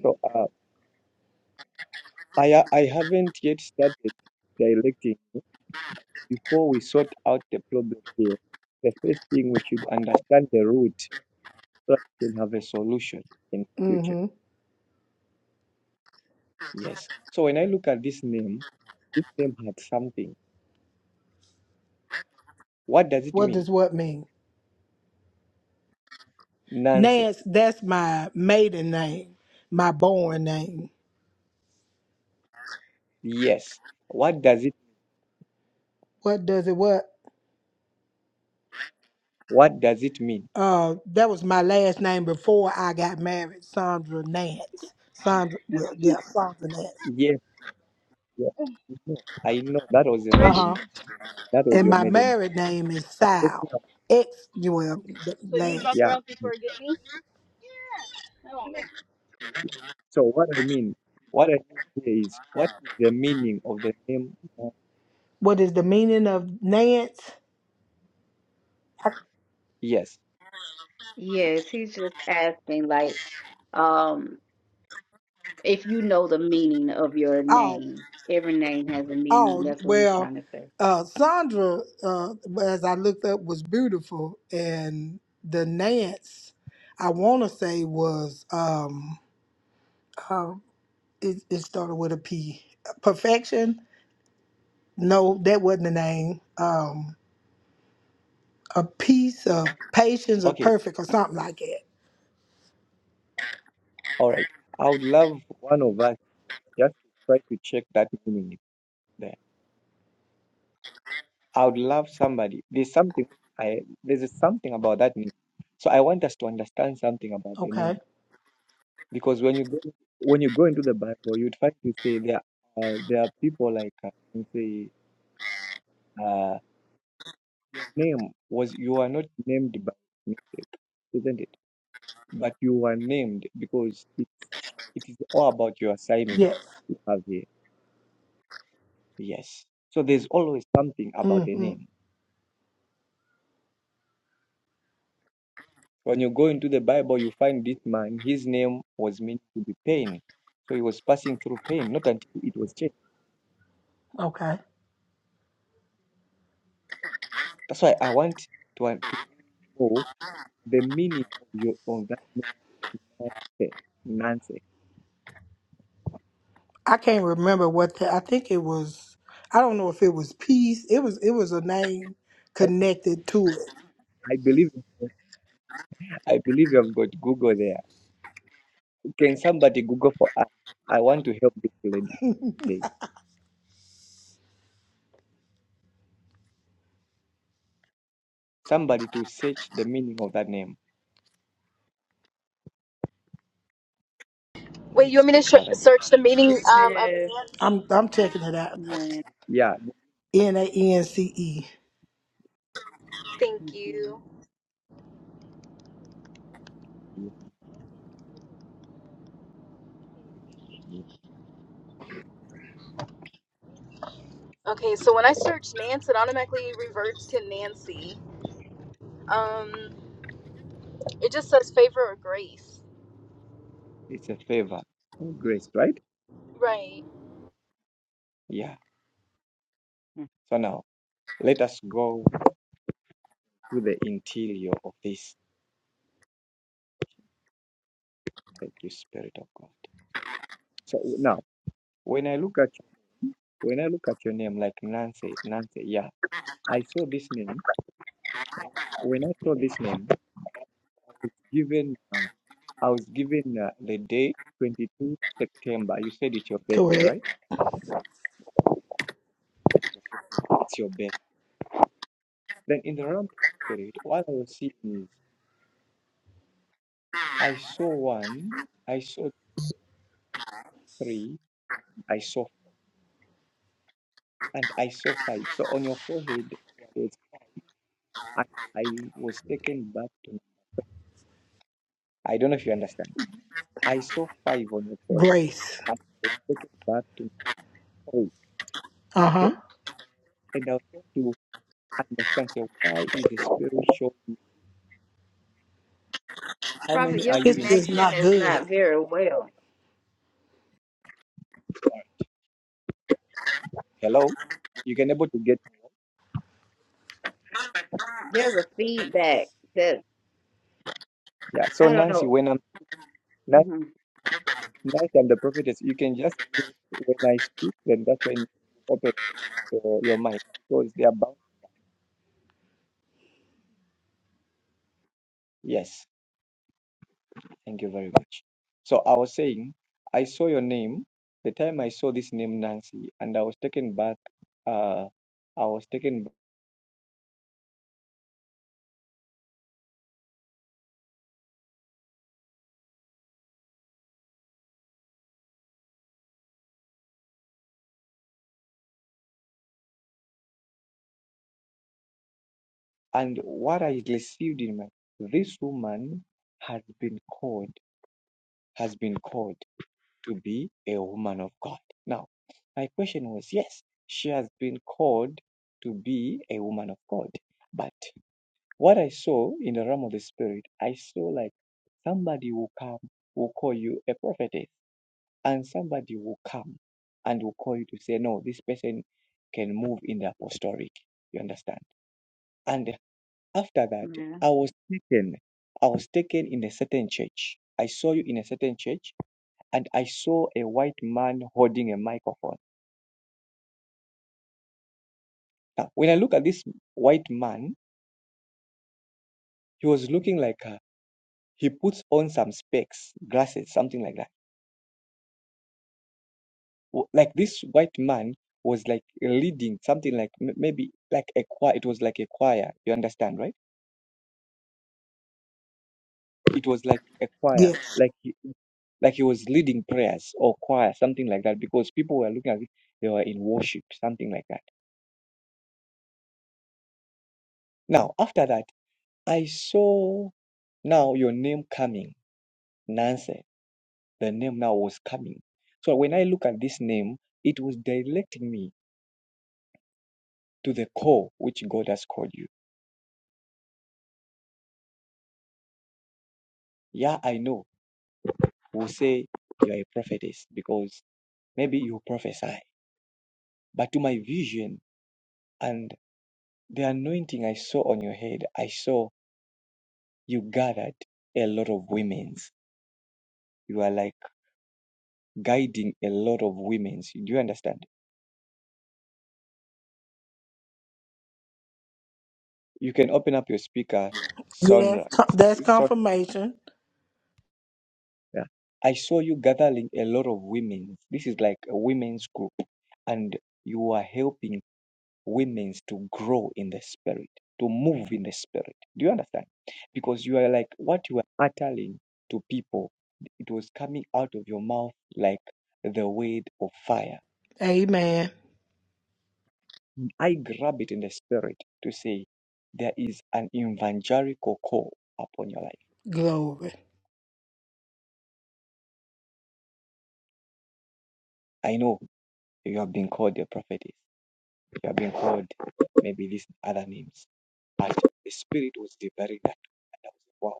So uh, I, ha- I haven't yet started directing. Before we sort out the problem here, the first thing we should understand the root so that we can have a solution in the future. Mm-hmm. Yes. So when I look at this name, this name had something. What does it What does mean? what mean? Nonsense Nance. That's my maiden name. My born name. Yes. What does it What does it what? what does it mean? Uh, that was my last name before I got married, Sandra Nance. Sandra, well, yeah, Sandra Nance. Yes, yes. No, I know that was your Where Uh is maiden huh. name. she? She's at That my was And your my maiden name. house. married name is I'm talking Sal. about, Ex, well, the So you dropped her last. yeah. off before get me? Yes. I won't make. So what I mean, what I mean here is what is the meaning of the name? Mo- What is the meaning of Nance? I, Yes. Yes, he's just asking, like, um, if you know the meaning of your oh, name. Every name has a meaning. oh, That's what he's well, trying to say. uh, Sandra, uh, as I looked up, was beautiful, and the Nance, I want to say was um, uh, it, it started with a P. Perfection? No, that wasn't the name. Um, a piece of patience or Okay. perfect or something like that. All right. I would love one of us just to try to check that meaning there. I would love somebody. There's something I there's something about that name. So I want us to understand something about the Okay. name. because when you go when you go into the Bible, you'd find to say there uh, there are people like uh, can say uh, your name was you are not named by mistake, isn't it? But you were named because it's it is all about your assignment Yes. you have here. Yes. So there's always something about the name. When you go into the Bible, you find this man. His name was meant to be pain, so he was passing through pain. Not until it was changed. Okay. That's why I want to to know the meaning of your of that name, nonsense. Nonsense. I can't remember what the, I think it was. I don't know if it was peace. It was it was a name Oh, connected to it. I believe I believe you have got Google there. Can somebody Google for us? I want to help this lady today. Somebody to search the meaning of that name. Wait, you Let's want me go to sh- paradise. search the meaning um of Nance? I'm I'm checking it out. Yeah, N A N C E. Thank you. yeah, yeah. Okay, so when I search Nance, it automatically reverts to Nancy. Um, it just says favor or grace. it's a favor, and grace, right? Right. Yeah. Mm. So now let us go to the interior of this. Thank you, Spirit of God. So now, when I look at when I look at your name, like Nancy, Nancy, yeah, I saw this name. When I saw this name, I was given, uh, I was given uh, the day 22 September. You said it's your birthday, Correct. right? It's your birthday. Then in the realm of spirit, what I was seeing is I saw one, I saw three, I saw, and I saw five. So on your forehead, there was, I, I was taken back to, I don't know if you understand. I saw five on your forehead, Grace. and I was taken back to three, Uh huh. okay? And I was trying to understand, so why is the spirit showing? How Prophet, many are your you It's in? just connection not is good. not very well. Hello? You can able to get There's a feedback that yeah. So I don't Nancy, know. when I'm Nancy, hmm Nancy I'm the prophetess, you can just mute when I speak, then that's when you open your, your mic because they are bound. Yes, thank you very much. So I was saying, I saw your name. The time I saw this name, Nancy, and I was taken back. Uh, I was taken, back. and what I received in my this woman has been called, has been called. to be a woman of God. Now, my question was yes, she has been called to be a woman of God. But what I saw in the realm of the spirit, I saw like somebody will come, will call you a prophetess, and somebody will come and will call you to say, no, this person can move in the apostolic. You understand? And after that, I was taken. I was taken in a certain church. I saw you in a certain church and I saw a white man holding a microphone. Now, when I look at this white man, he was looking like uh, he puts on some specs, glasses, something like that. Like this white man was like leading something like m- maybe like a choir. It was like a choir. You understand, right? It was like a choir. Yes. Like he, like he was leading prayers or choir, something like that, because people were looking at it, they were in worship, something like that. Now, after that, I saw now your name coming, Nancy. the name now was coming. So when I look at this name, it was directing me to the call which God has called you. Yeah, I know. We'll say you are a prophetess because maybe you prophesy. But to my vision and the anointing I saw on your head, I saw you gathered a lot of women's. You are like guiding a lot of women's. Do you understand? You can open up your speaker, Yes. Sandra. Co- That's confirmation. Yeah. I saw you gathering a lot of women. This is like a women's group, and you are helping women to grow in the spirit, to move in the spirit. Do you understand? Because you are like what you are uttering to people, it was coming out of your mouth like the word of fire. Amen. I grab it in the spirit to say there is an evangelical call upon your life. Glory. I know you have been called a prophet You are being called maybe these other names. But the spirit was devouring that. And I was like, wow.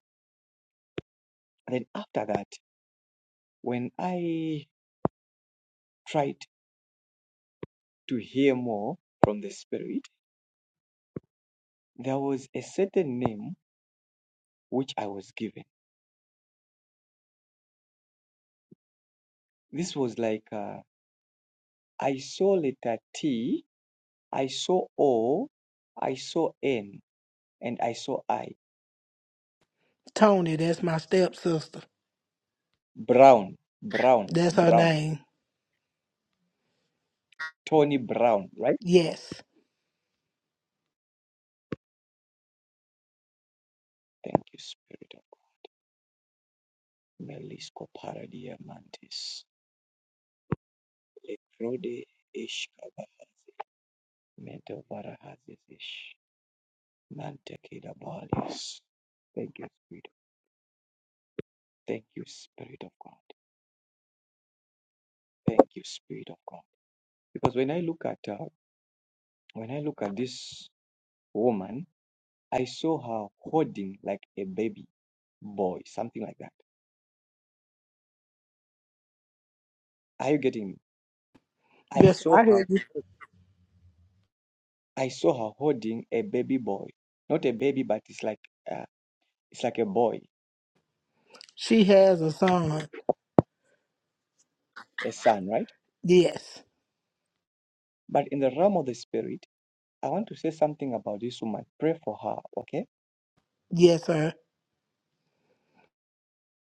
And then after that, when I tried to hear more from the spirit, there was a certain name which I was given. This was like uh, I saw letter T, I saw O, I saw N, and I saw I. Tony, that's my stepsister. Brown, Brown, That's her Brown, name. Tony Brown, right? Yes. Thank you, Spirit of God. Melisco Paradia Mantis. Ekrode ish kabahazi meto barahazis ish. mantekida bodies. Thank you, Spirit. Thank you, Spirit of God. Thank you, Spirit of God. Because when I look at uh, when I look at this woman, I saw her holding like a baby boy, something like that. Are you getting me? I Yes, saw I her hear you. I saw her holding a baby boy. Not a baby, but it's like uh, it's like a boy, She has a son. a son, right? Yes. But in the realm of the spirit. I want to say something about this woman. Pray for her, okay? Yes, sir.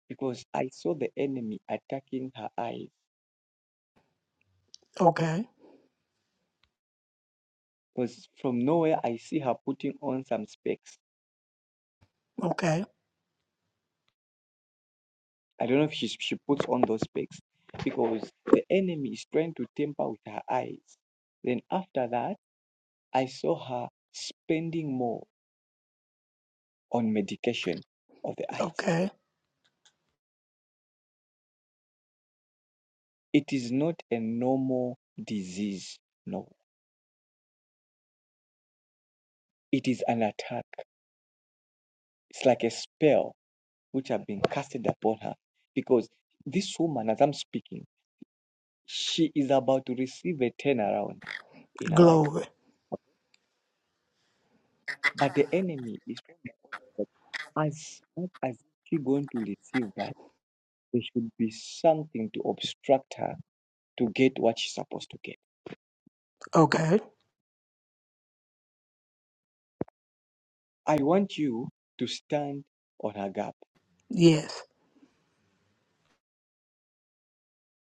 Because I saw the enemy attacking her eyes. Okay. Because from nowhere, I see her putting on some specs. Okay. I don't know if she, she puts on those specs because the enemy is trying to tamper with her eyes. Then after that, I saw her spending more on medication of the eyes. Okay. It is not a normal disease, no. It is an attack. It's like a spell which have been casted upon her. Because this woman, as I'm speaking, she is about to receive a turnaround in her life. Glory. But the enemy is trying to that as much as she going to receive that, there should be something to obstruct her to get what she's supposed to get. Okay. I want you to stand on her gap Yes.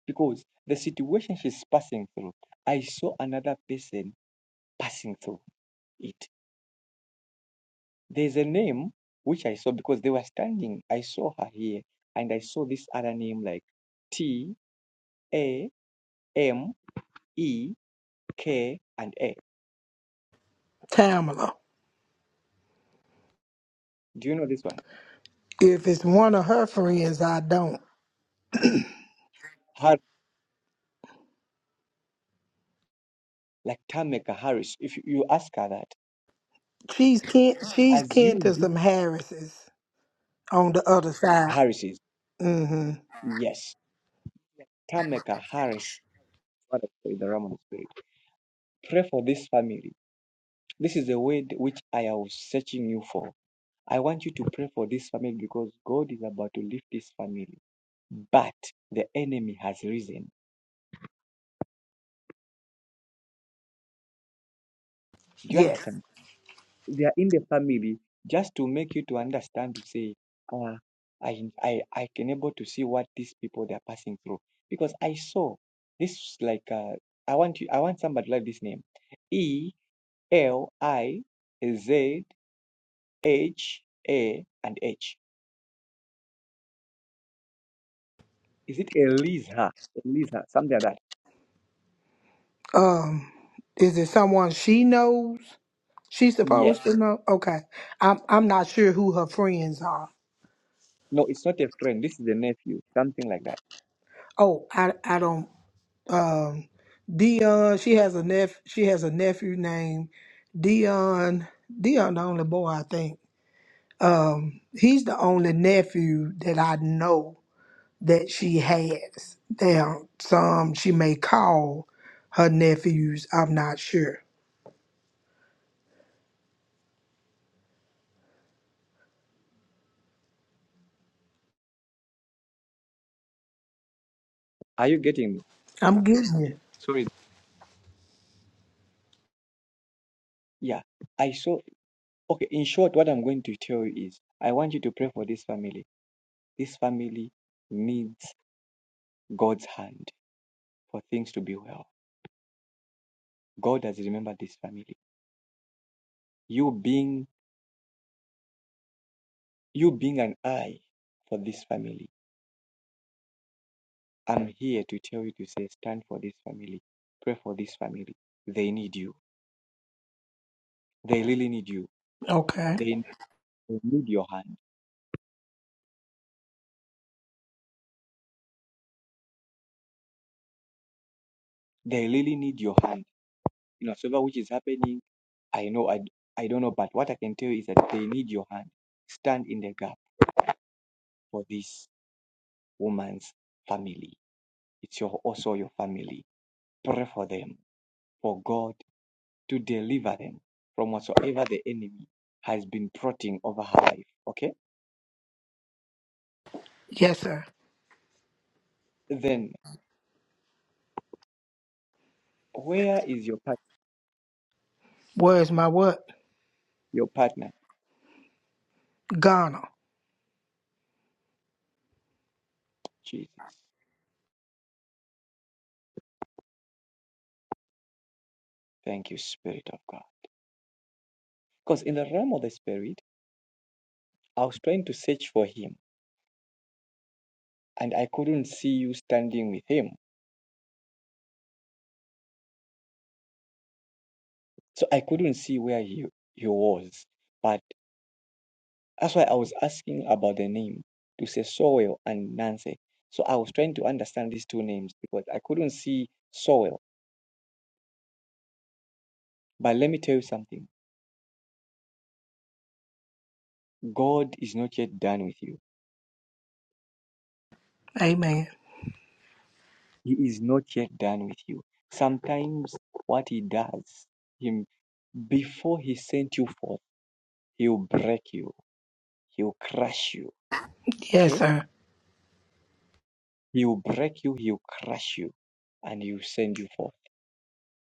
because the situation she's passing through, I saw another person passing through it. There's a name which I saw because they were standing. I saw her here, and I saw this other name like T A M E K and A. Tamala. Do you know this one? If it's one of her friends, I don't. Har like Tameka Harris. If you you ask her that, She's kin she's as kin you to be some Harrises on the other side. Harris's, Mm-hmm. yes, Tameka Harris. Father, in the Roman spirit, pray for this family. This is the word which I was searching you for. I want you to pray for this family because God is about to lift this family. But the enemy has risen. Do you Yes. understand? They are in the family just to make you to understand to say, ah, I, I, I can able to see what these people they are passing through. Because I saw this like uh, I want you I want somebody like this name. E L I Z H A and H. Is it Eliza? Eliza, something like that. Um, is it someone she knows? She's Yes. supposed to know? Okay. I'm I'm not sure who her friends are. No, it's not a friend. This is a nephew, something like that. Oh, I I don't um Dion, she has a nephew she has a nephew named Dion. Dion the only boy I think. Um, he's the only nephew that I know that she has. Now, some she may call her nephews. I'm not sure. Are you getting me? I'm getting it. Sorry. Yeah, I saw. Okay, in short, what I'm going to tell you is I want you to pray for this family. This family needs God's hand for things to be well. God has remembered this family. You being you being an eye for this family. I'm here to tell you to say stand for this family. Pray for this family. They need you. They really need you. Okay. They, they need your hand. They really need your hand. you know, whatsoever which is happening, I know I, d- I don't know, but what I can tell you is that they need your hand. Stand in the gap for this woman's family. It's your also your family. Pray for them, for God to deliver them from whatsoever the enemy has been plotting over her life. Okay? Yes, sir. Then where is your part, Where's my what? your partner? Ghana. Jesus. Thank you, Spirit of God. Because in the realm of the Spirit, I was trying to search for him and I couldn't see you standing with him. So I couldn't see where he, he was. But that's why I was asking about the name to say Sowell and Nancy. So I was trying to understand these two names because I couldn't see Sowell. But let me tell you something God is not yet done with you, Amen. He is not yet done with you. Sometimes what He does, Him before He sent you forth, He'll break you, He'll crush you. Yes, Okay? sir. He'll break you, He'll crush you, and He'll send you forth.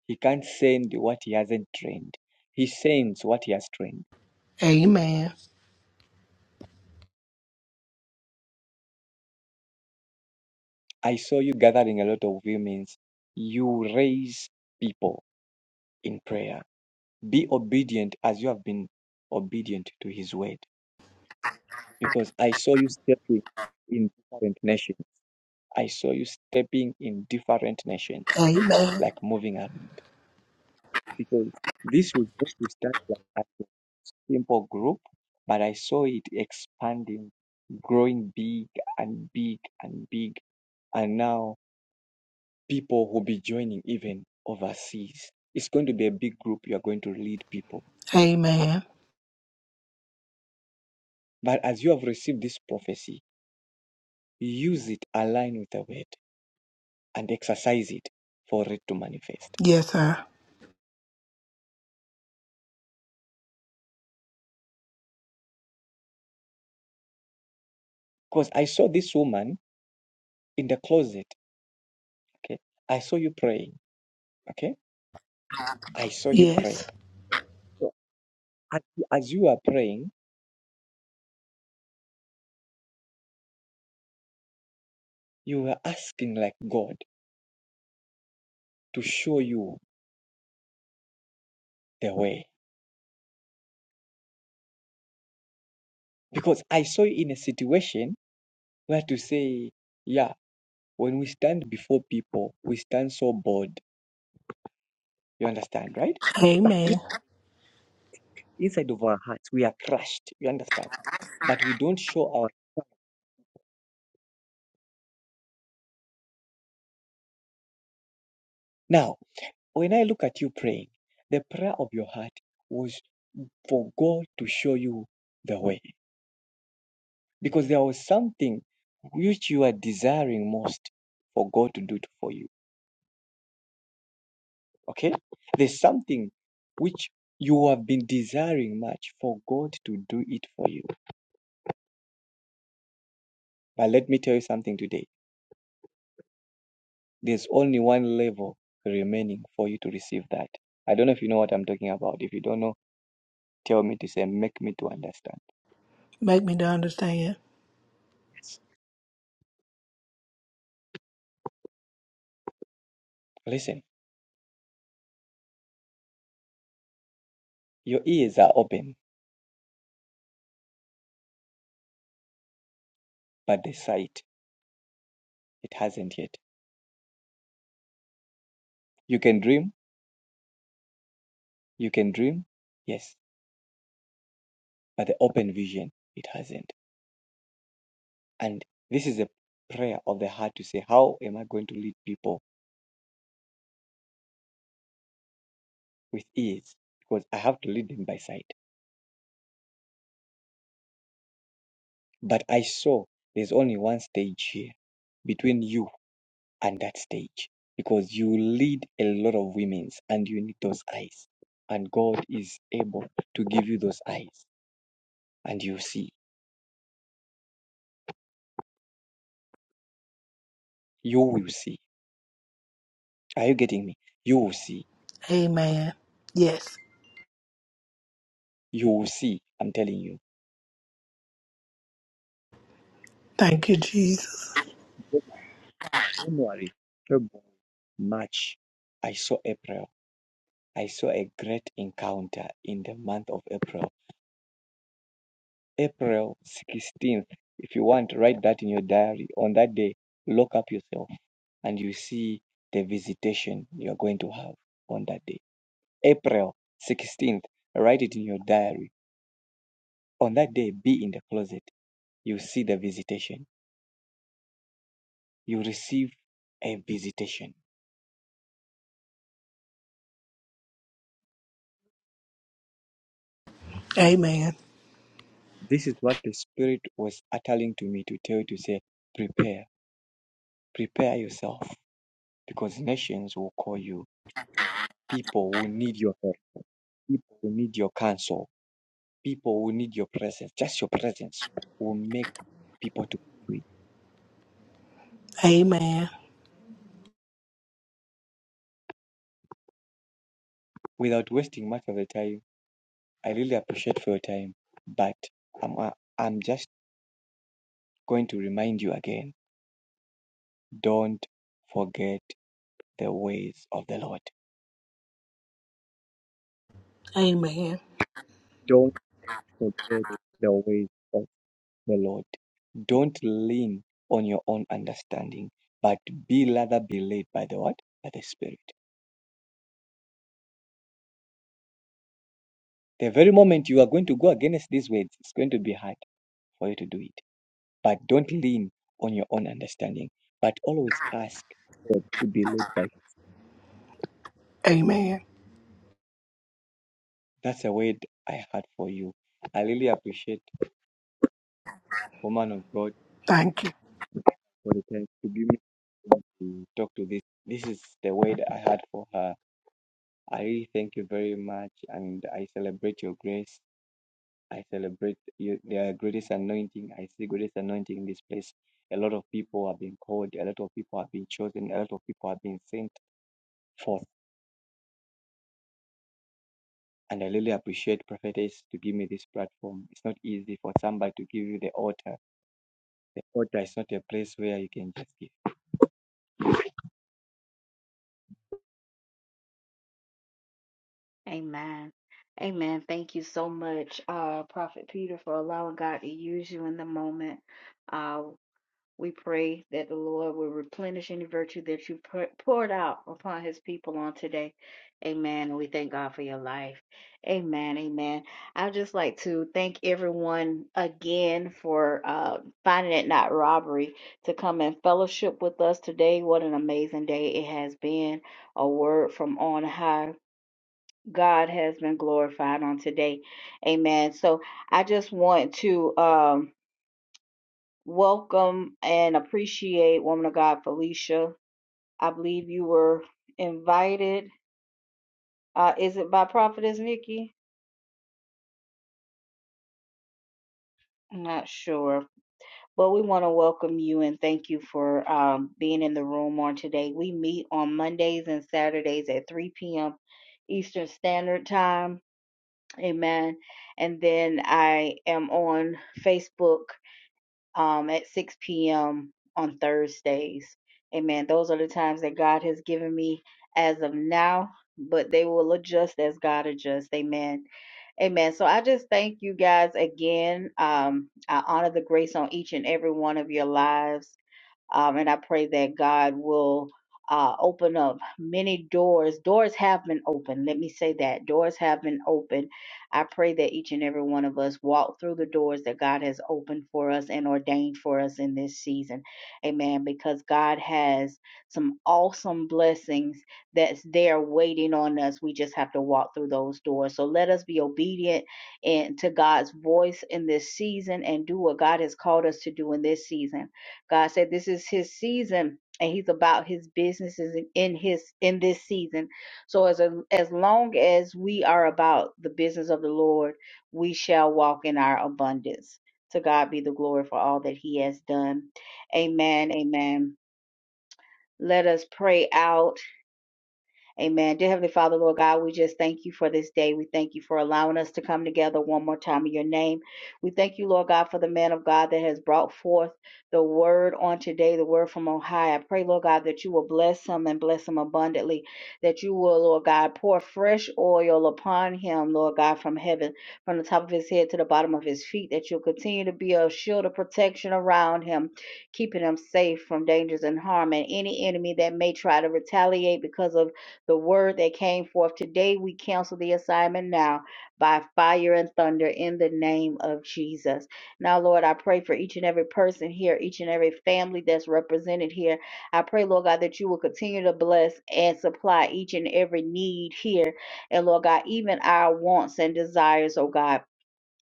He can't send what he hasn't trained. He sends what he has trained. Amen. I saw you gathering a lot of women's. You raise people in prayer. Be obedient as you have been obedient to his word. Because I saw you stepping in different nations. I saw you stepping in different nations, Amen. like moving around. because this was going to start like as a simple group, but I saw it expanding, growing big and big and big. And now people will be joining even overseas. It's going to be a big group. You are going to lead people. Amen. But as you have received this prophecy, use it, align with the word, and exercise it for it to manifest. Yes, sir. Because I saw this woman in the closet. Okay. I saw you praying. Okay. I saw you praying. Yes. So As, as you are praying, you were asking like God to show you the way. Because I saw you in a situation where to say, yeah, when we stand before people, we stand so bold. You understand, right? But in, Amen. inside of our hearts, we are crushed. You understand? But we don't show our. Now, when I look at you praying, the prayer of your heart was for God to show you the way. Because there was something which you are desiring most for God to do it for you Okay? There's something which you have been desiring much for God to do it for you. But let me tell you something today. There's only one level remaining for you to receive that. I don't know if you know what I'm talking about. If you don't know, tell me to say, make me to understand. Make me to understand. Listen, your ears are open, but the sight, it hasn't yet. You can dream, you can dream, yes, but the open vision, it hasn't. And this is a prayer of the heart to say, how am I going to lead people? with ease because I have to lead them by sight. But I saw there's only one stage here between you and that stage because you lead a lot of women's and you need those eyes. And God is able to give you those eyes and you see. You will see. Are you getting me? You will see. Amen. Yes. You will see. I'm telling you. Thank you, Jesus. January, February, March. I saw April. I saw a great encounter in the month of April April 16th. If you want, write that in your diary. On that day, lock up yourself and you see the visitation you're going to have on that day. April 16th, write it in your diary. On that day, be in the closet. You see the visitation. You receive a visitation. Amen. This is what the Spirit was uttering to me to tell you to say, prepare, prepare yourself because nations will call you. People will need your help. People will need your counsel People will need your presence. Just your presence will make people to be free. Amen. Without wasting much of the time, I really appreciate for your time, but I'm, uh, I'm just going to remind you again. Don't forget the ways of the Lord. Amen. Don't forget the ways of the Lord. Don't lean on your own understanding, but be rather be led by the what? By the Spirit. The very moment you are going to go against these words, it's going to be hard for you to do it. But don't lean on your own understanding, but always ask God to be led by. Amen. That's a word I had for you. I really appreciate woman of God Thank you. for the time to give me time to talk to this. This is the word I had for her. I really thank you very much, and I celebrate your grace. I celebrate your, the greatest anointing. I see greatest anointing in this place. A lot of people have been called. A lot of people have been chosen. A lot of people have been sent forth And I really appreciate prophetess to give me this platform. It's not easy for somebody to give you the altar. The altar is not a place where you can just give. Amen. Amen. Thank you so much, uh, Prophet Peter, for allowing God to use you in the moment. Uh, We pray that the Lord will replenish any virtue that you pour- poured out upon his people on today. Amen. And we thank God for your life. Amen. Amen. I'd just like to thank everyone again for uh, finding it not robbery to come and fellowship with us today. What an amazing day it has been. A word from on high. God has been glorified on today. Amen. So I just want to. Um, welcome and appreciate woman of God Felicia. I believe you were invited. Uh, is it by Prophetess Nikki? I'm not sure, but we want to welcome you and thank you for um, being in the room on today. We meet on Mondays and Saturdays at 3 p.m. Eastern Standard Time. Amen. And then I am on Facebook um, at 6 p.m. on Thursdays. Amen. Those are the times that God has given me as of now, but they will adjust as God adjusts. Amen. Amen. So I just thank you guys again. Um, I honor the grace on each and every one of your lives. Um, and I pray that God will uh, open up many doors. Doors have been opened. Let me say that. Doors have been opened. I pray that each and every one of us walk through the doors that God has opened for us and ordained for us in this season. Amen. Because God has some awesome blessings that's there waiting on us. We just have to walk through those doors. So let us be obedient and to God's voice in this season and do what God has called us to do in this season. God said this is his season and he's about his businesses in his in this season. So as a, as long as we are about the business of the Lord, we shall walk in our abundance. To God be the glory for all that he has done. Amen. Amen. Let us pray out. Amen. Dear Heavenly Father, Lord God, we just thank you for this day. We thank you for allowing us to come together one more time in your name. We thank you, Lord God, for the man of God that has brought forth the word on today, the word from on high. I pray, Lord God, that you will bless him and bless him abundantly, that you will, Lord God, pour fresh oil upon him, Lord God, from heaven, from the top of his head to the bottom of his feet, that you'll continue to be a shield of protection around him, keeping him safe from dangers and harm and any enemy that may try to retaliate because of the word that came forth today. We cancel the assignment now by fire and thunder in the name of Jesus. Now, Lord, I pray for each and every person here, each and every family that's represented here. I pray, Lord God, that you will continue to bless and supply each and every need here. And Lord God, even our wants and desires, oh God.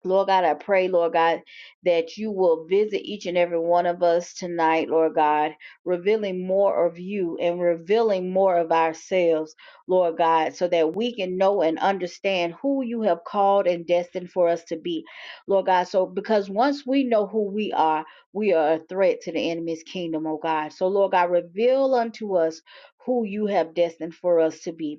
Lord God, I pray, Lord God, that you will visit each and every one of us tonight, Lord God, revealing more of you and revealing more of ourselves, Lord God, so that we can know and understand who you have called and destined for us to be, Lord God. So, because once we know who we are, we are a threat to the enemy's kingdom, oh God. So, Lord God, reveal unto us who you have destined for us to be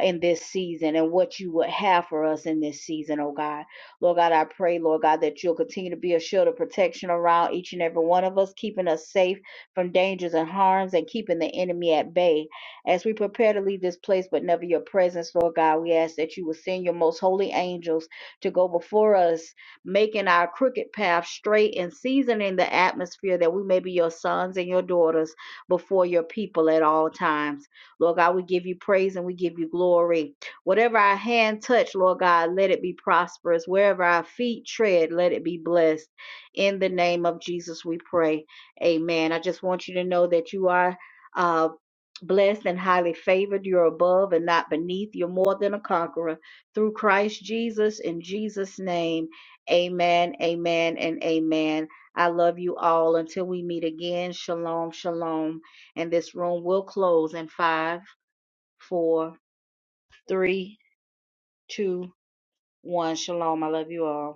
in this season and what you would have for us in this season, oh God. Lord God, I pray, Lord God, that you'll continue to be a shield of protection around each and every one of us, keeping us safe from dangers and harms and keeping the enemy at bay. As we prepare to leave this place, but never your presence, Lord God, we ask that you will send your most holy angels to go before us, making our crooked path straight and seasoning the atmosphere that we may be your sons and your daughters before your people at all times. Lord God, we give you praise and we give you glory. Whatever our hand touch, Lord God, let it be prosperous. Wherever our feet tread, let it be blessed. In the name of Jesus, we pray. Amen. I just want you to know that you are uh, blessed and highly favored. You're above and not beneath. You're more than a conqueror through Christ Jesus. In Jesus' name, amen, amen, and amen. I love you all. Until we meet again, shalom, shalom and this room will close in five, four, three, two, one. Shalom. I love you all.